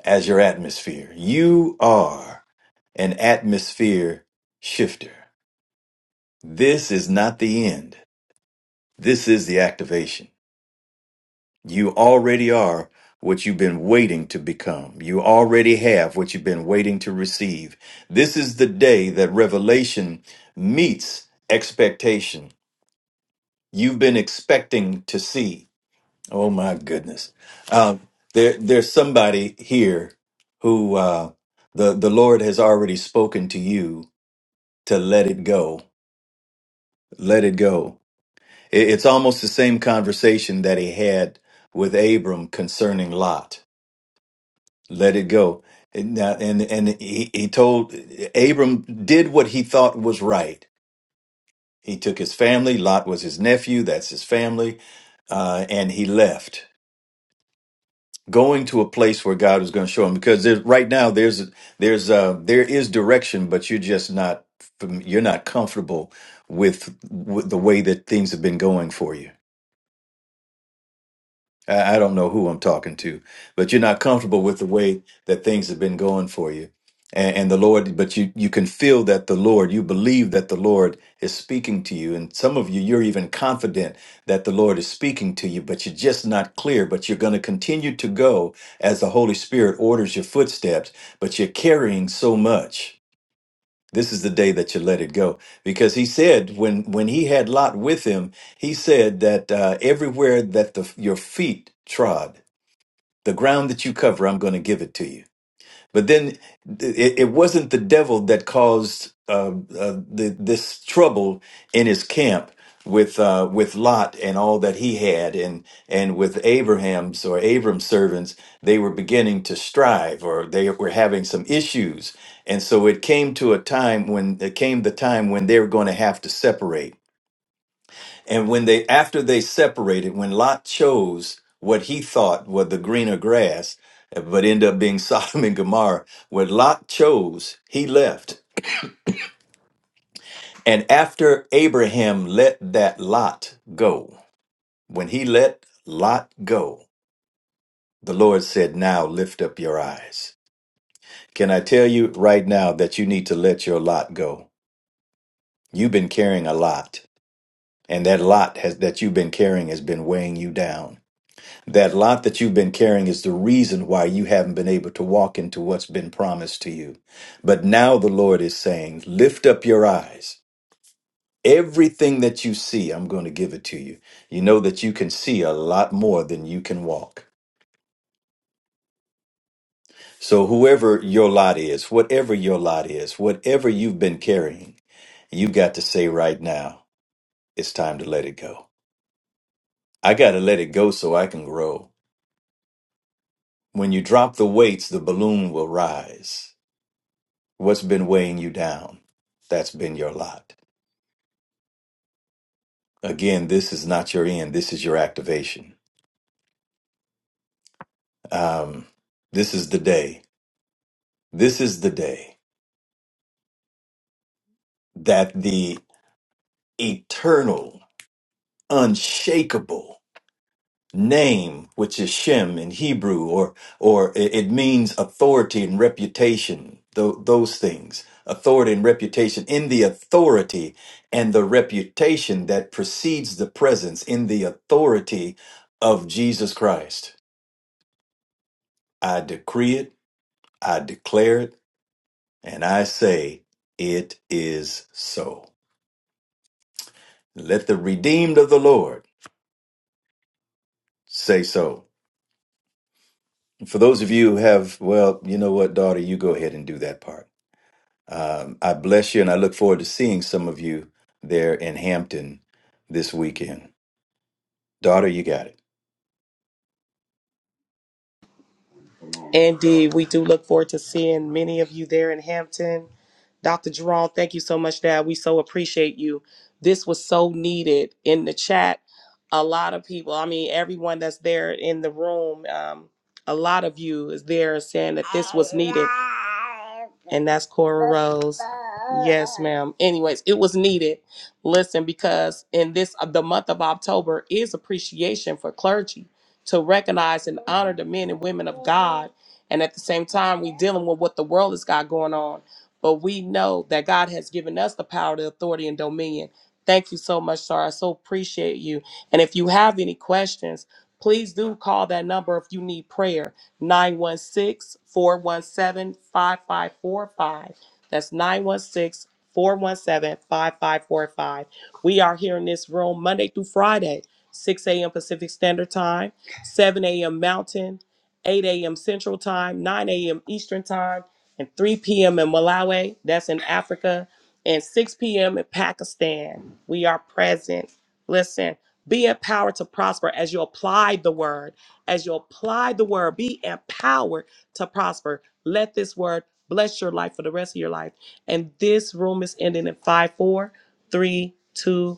Speaker 3: as your atmosphere. You are an atmosphere shifter. This is not the end. This is the activation. You already are what you've been waiting to become. You already have what you've been waiting to receive. This is the day that revelation meets expectation. You've been expecting to see. Oh my goodness. Um, there, there's somebody here who uh, the the Lord has already spoken to you to let it go. Let it go. It- it's almost the same conversation that he had with Abram concerning Lot. Let it go. And now- and, and he, he told Abram did what he thought was right. He took his family. Lot was his nephew. That's his family, uh, and he left going to a place where God was going to show him because there, right now there's there's uh there is direction but you're just not fam- you're not comfortable with, with the way that things have been going for you I I don't know who I'm talking to, but you're not comfortable with the way that things have been going for you. And, and the Lord, but you, you can feel that the Lord, you believe that the Lord is speaking to you. And some of you, you're even confident that the Lord is speaking to you, but you're just not clear. But you're going to continue to go as the Holy Spirit orders your footsteps, but you're carrying so much this is the day that you let it go because he said when when he had lot with him he said that uh, everywhere that the your feet trod the ground that you cover i'm going to give it to you but then it, it wasn't the devil that caused uh, uh, the, this trouble in his camp with uh, with Lot and all that he had, and and with Abraham's or Abram's servants. They were beginning to strive, or they were having some issues, and so it came to a time when it came the time when they were going to have to separate and when they, after they separated, when Lot chose what he thought were the greener grass, uh, but ended up being Sodom and Gomorrah, what Lot chose, he left. And after Abraham let that Lot go, when he let Lot go, the Lord said, Now lift up your eyes. Can I tell you right now that you need to let your lot go? You've been carrying a lot, and that lot has, that you've been carrying has been weighing you down. That lot that you've been carrying is the reason why you haven't been able to walk into what's been promised to you. But now the Lord is saying, lift up your eyes. Everything that you see, I'm going to give it to you. You know that you can see a lot more than you can walk. So, whoever your lot is, whatever your lot is, whatever you've been carrying, you got to say right now, it's time to let it go. I got to let it go so I can grow. When you drop the weights, the balloon will rise. What's been weighing you down? That's been your lot. Again, this is not your end. This is your activation. Um, this is the day. This is the day that the eternal, unshakable, name, which is Shem in Hebrew, or or it it means authority and reputation. Tho- those things, authority and reputation, in the authority and the reputation that precedes the presence, in the authority of Jesus Christ. I decree it, I declare it, and I say it is so. Let the redeemed of the Lord say so. For those of you who have, well, you know what, daughter, you go ahead and do that part. Um, I bless you and I look forward to seeing some of you there in Hampton this weekend. Daughter, you got it.
Speaker 1: Indeed, we do look forward to seeing many of you there in Hampton. Dr. Jerome, thank you so much, Dad. We so appreciate you. This was so needed in the chat. A lot of people, I mean, everyone that's there in the room, um, a lot of you is there saying that this was needed. And that's Cora Rose. Yes, ma'am. Anyways, it was needed. Listen, because in this, uh, the month of October is appreciation for clergy to recognize and honor the men and women of God and at the same time, we're dealing with what the world has got going on. But we know that God has given us the power, the authority, and dominion. Thank you so much, sir. I so appreciate you. And if you have any questions, please do call that number if you need prayer 916 417 5545. That's 916 417 5545. We are here in this room Monday through Friday, 6 a.m. Pacific Standard Time, 7 a.m. Mountain. 8 a.m. Central Time, 9 a.m. Eastern Time, and 3 p.m. in Malawi, that's in Africa, and 6 p.m. in Pakistan. We are present. Listen, be empowered to prosper as you apply the word. As you apply the word, be empowered to prosper. Let this word bless your life for the rest of your life. And this room is ending in five, four, three, two, one.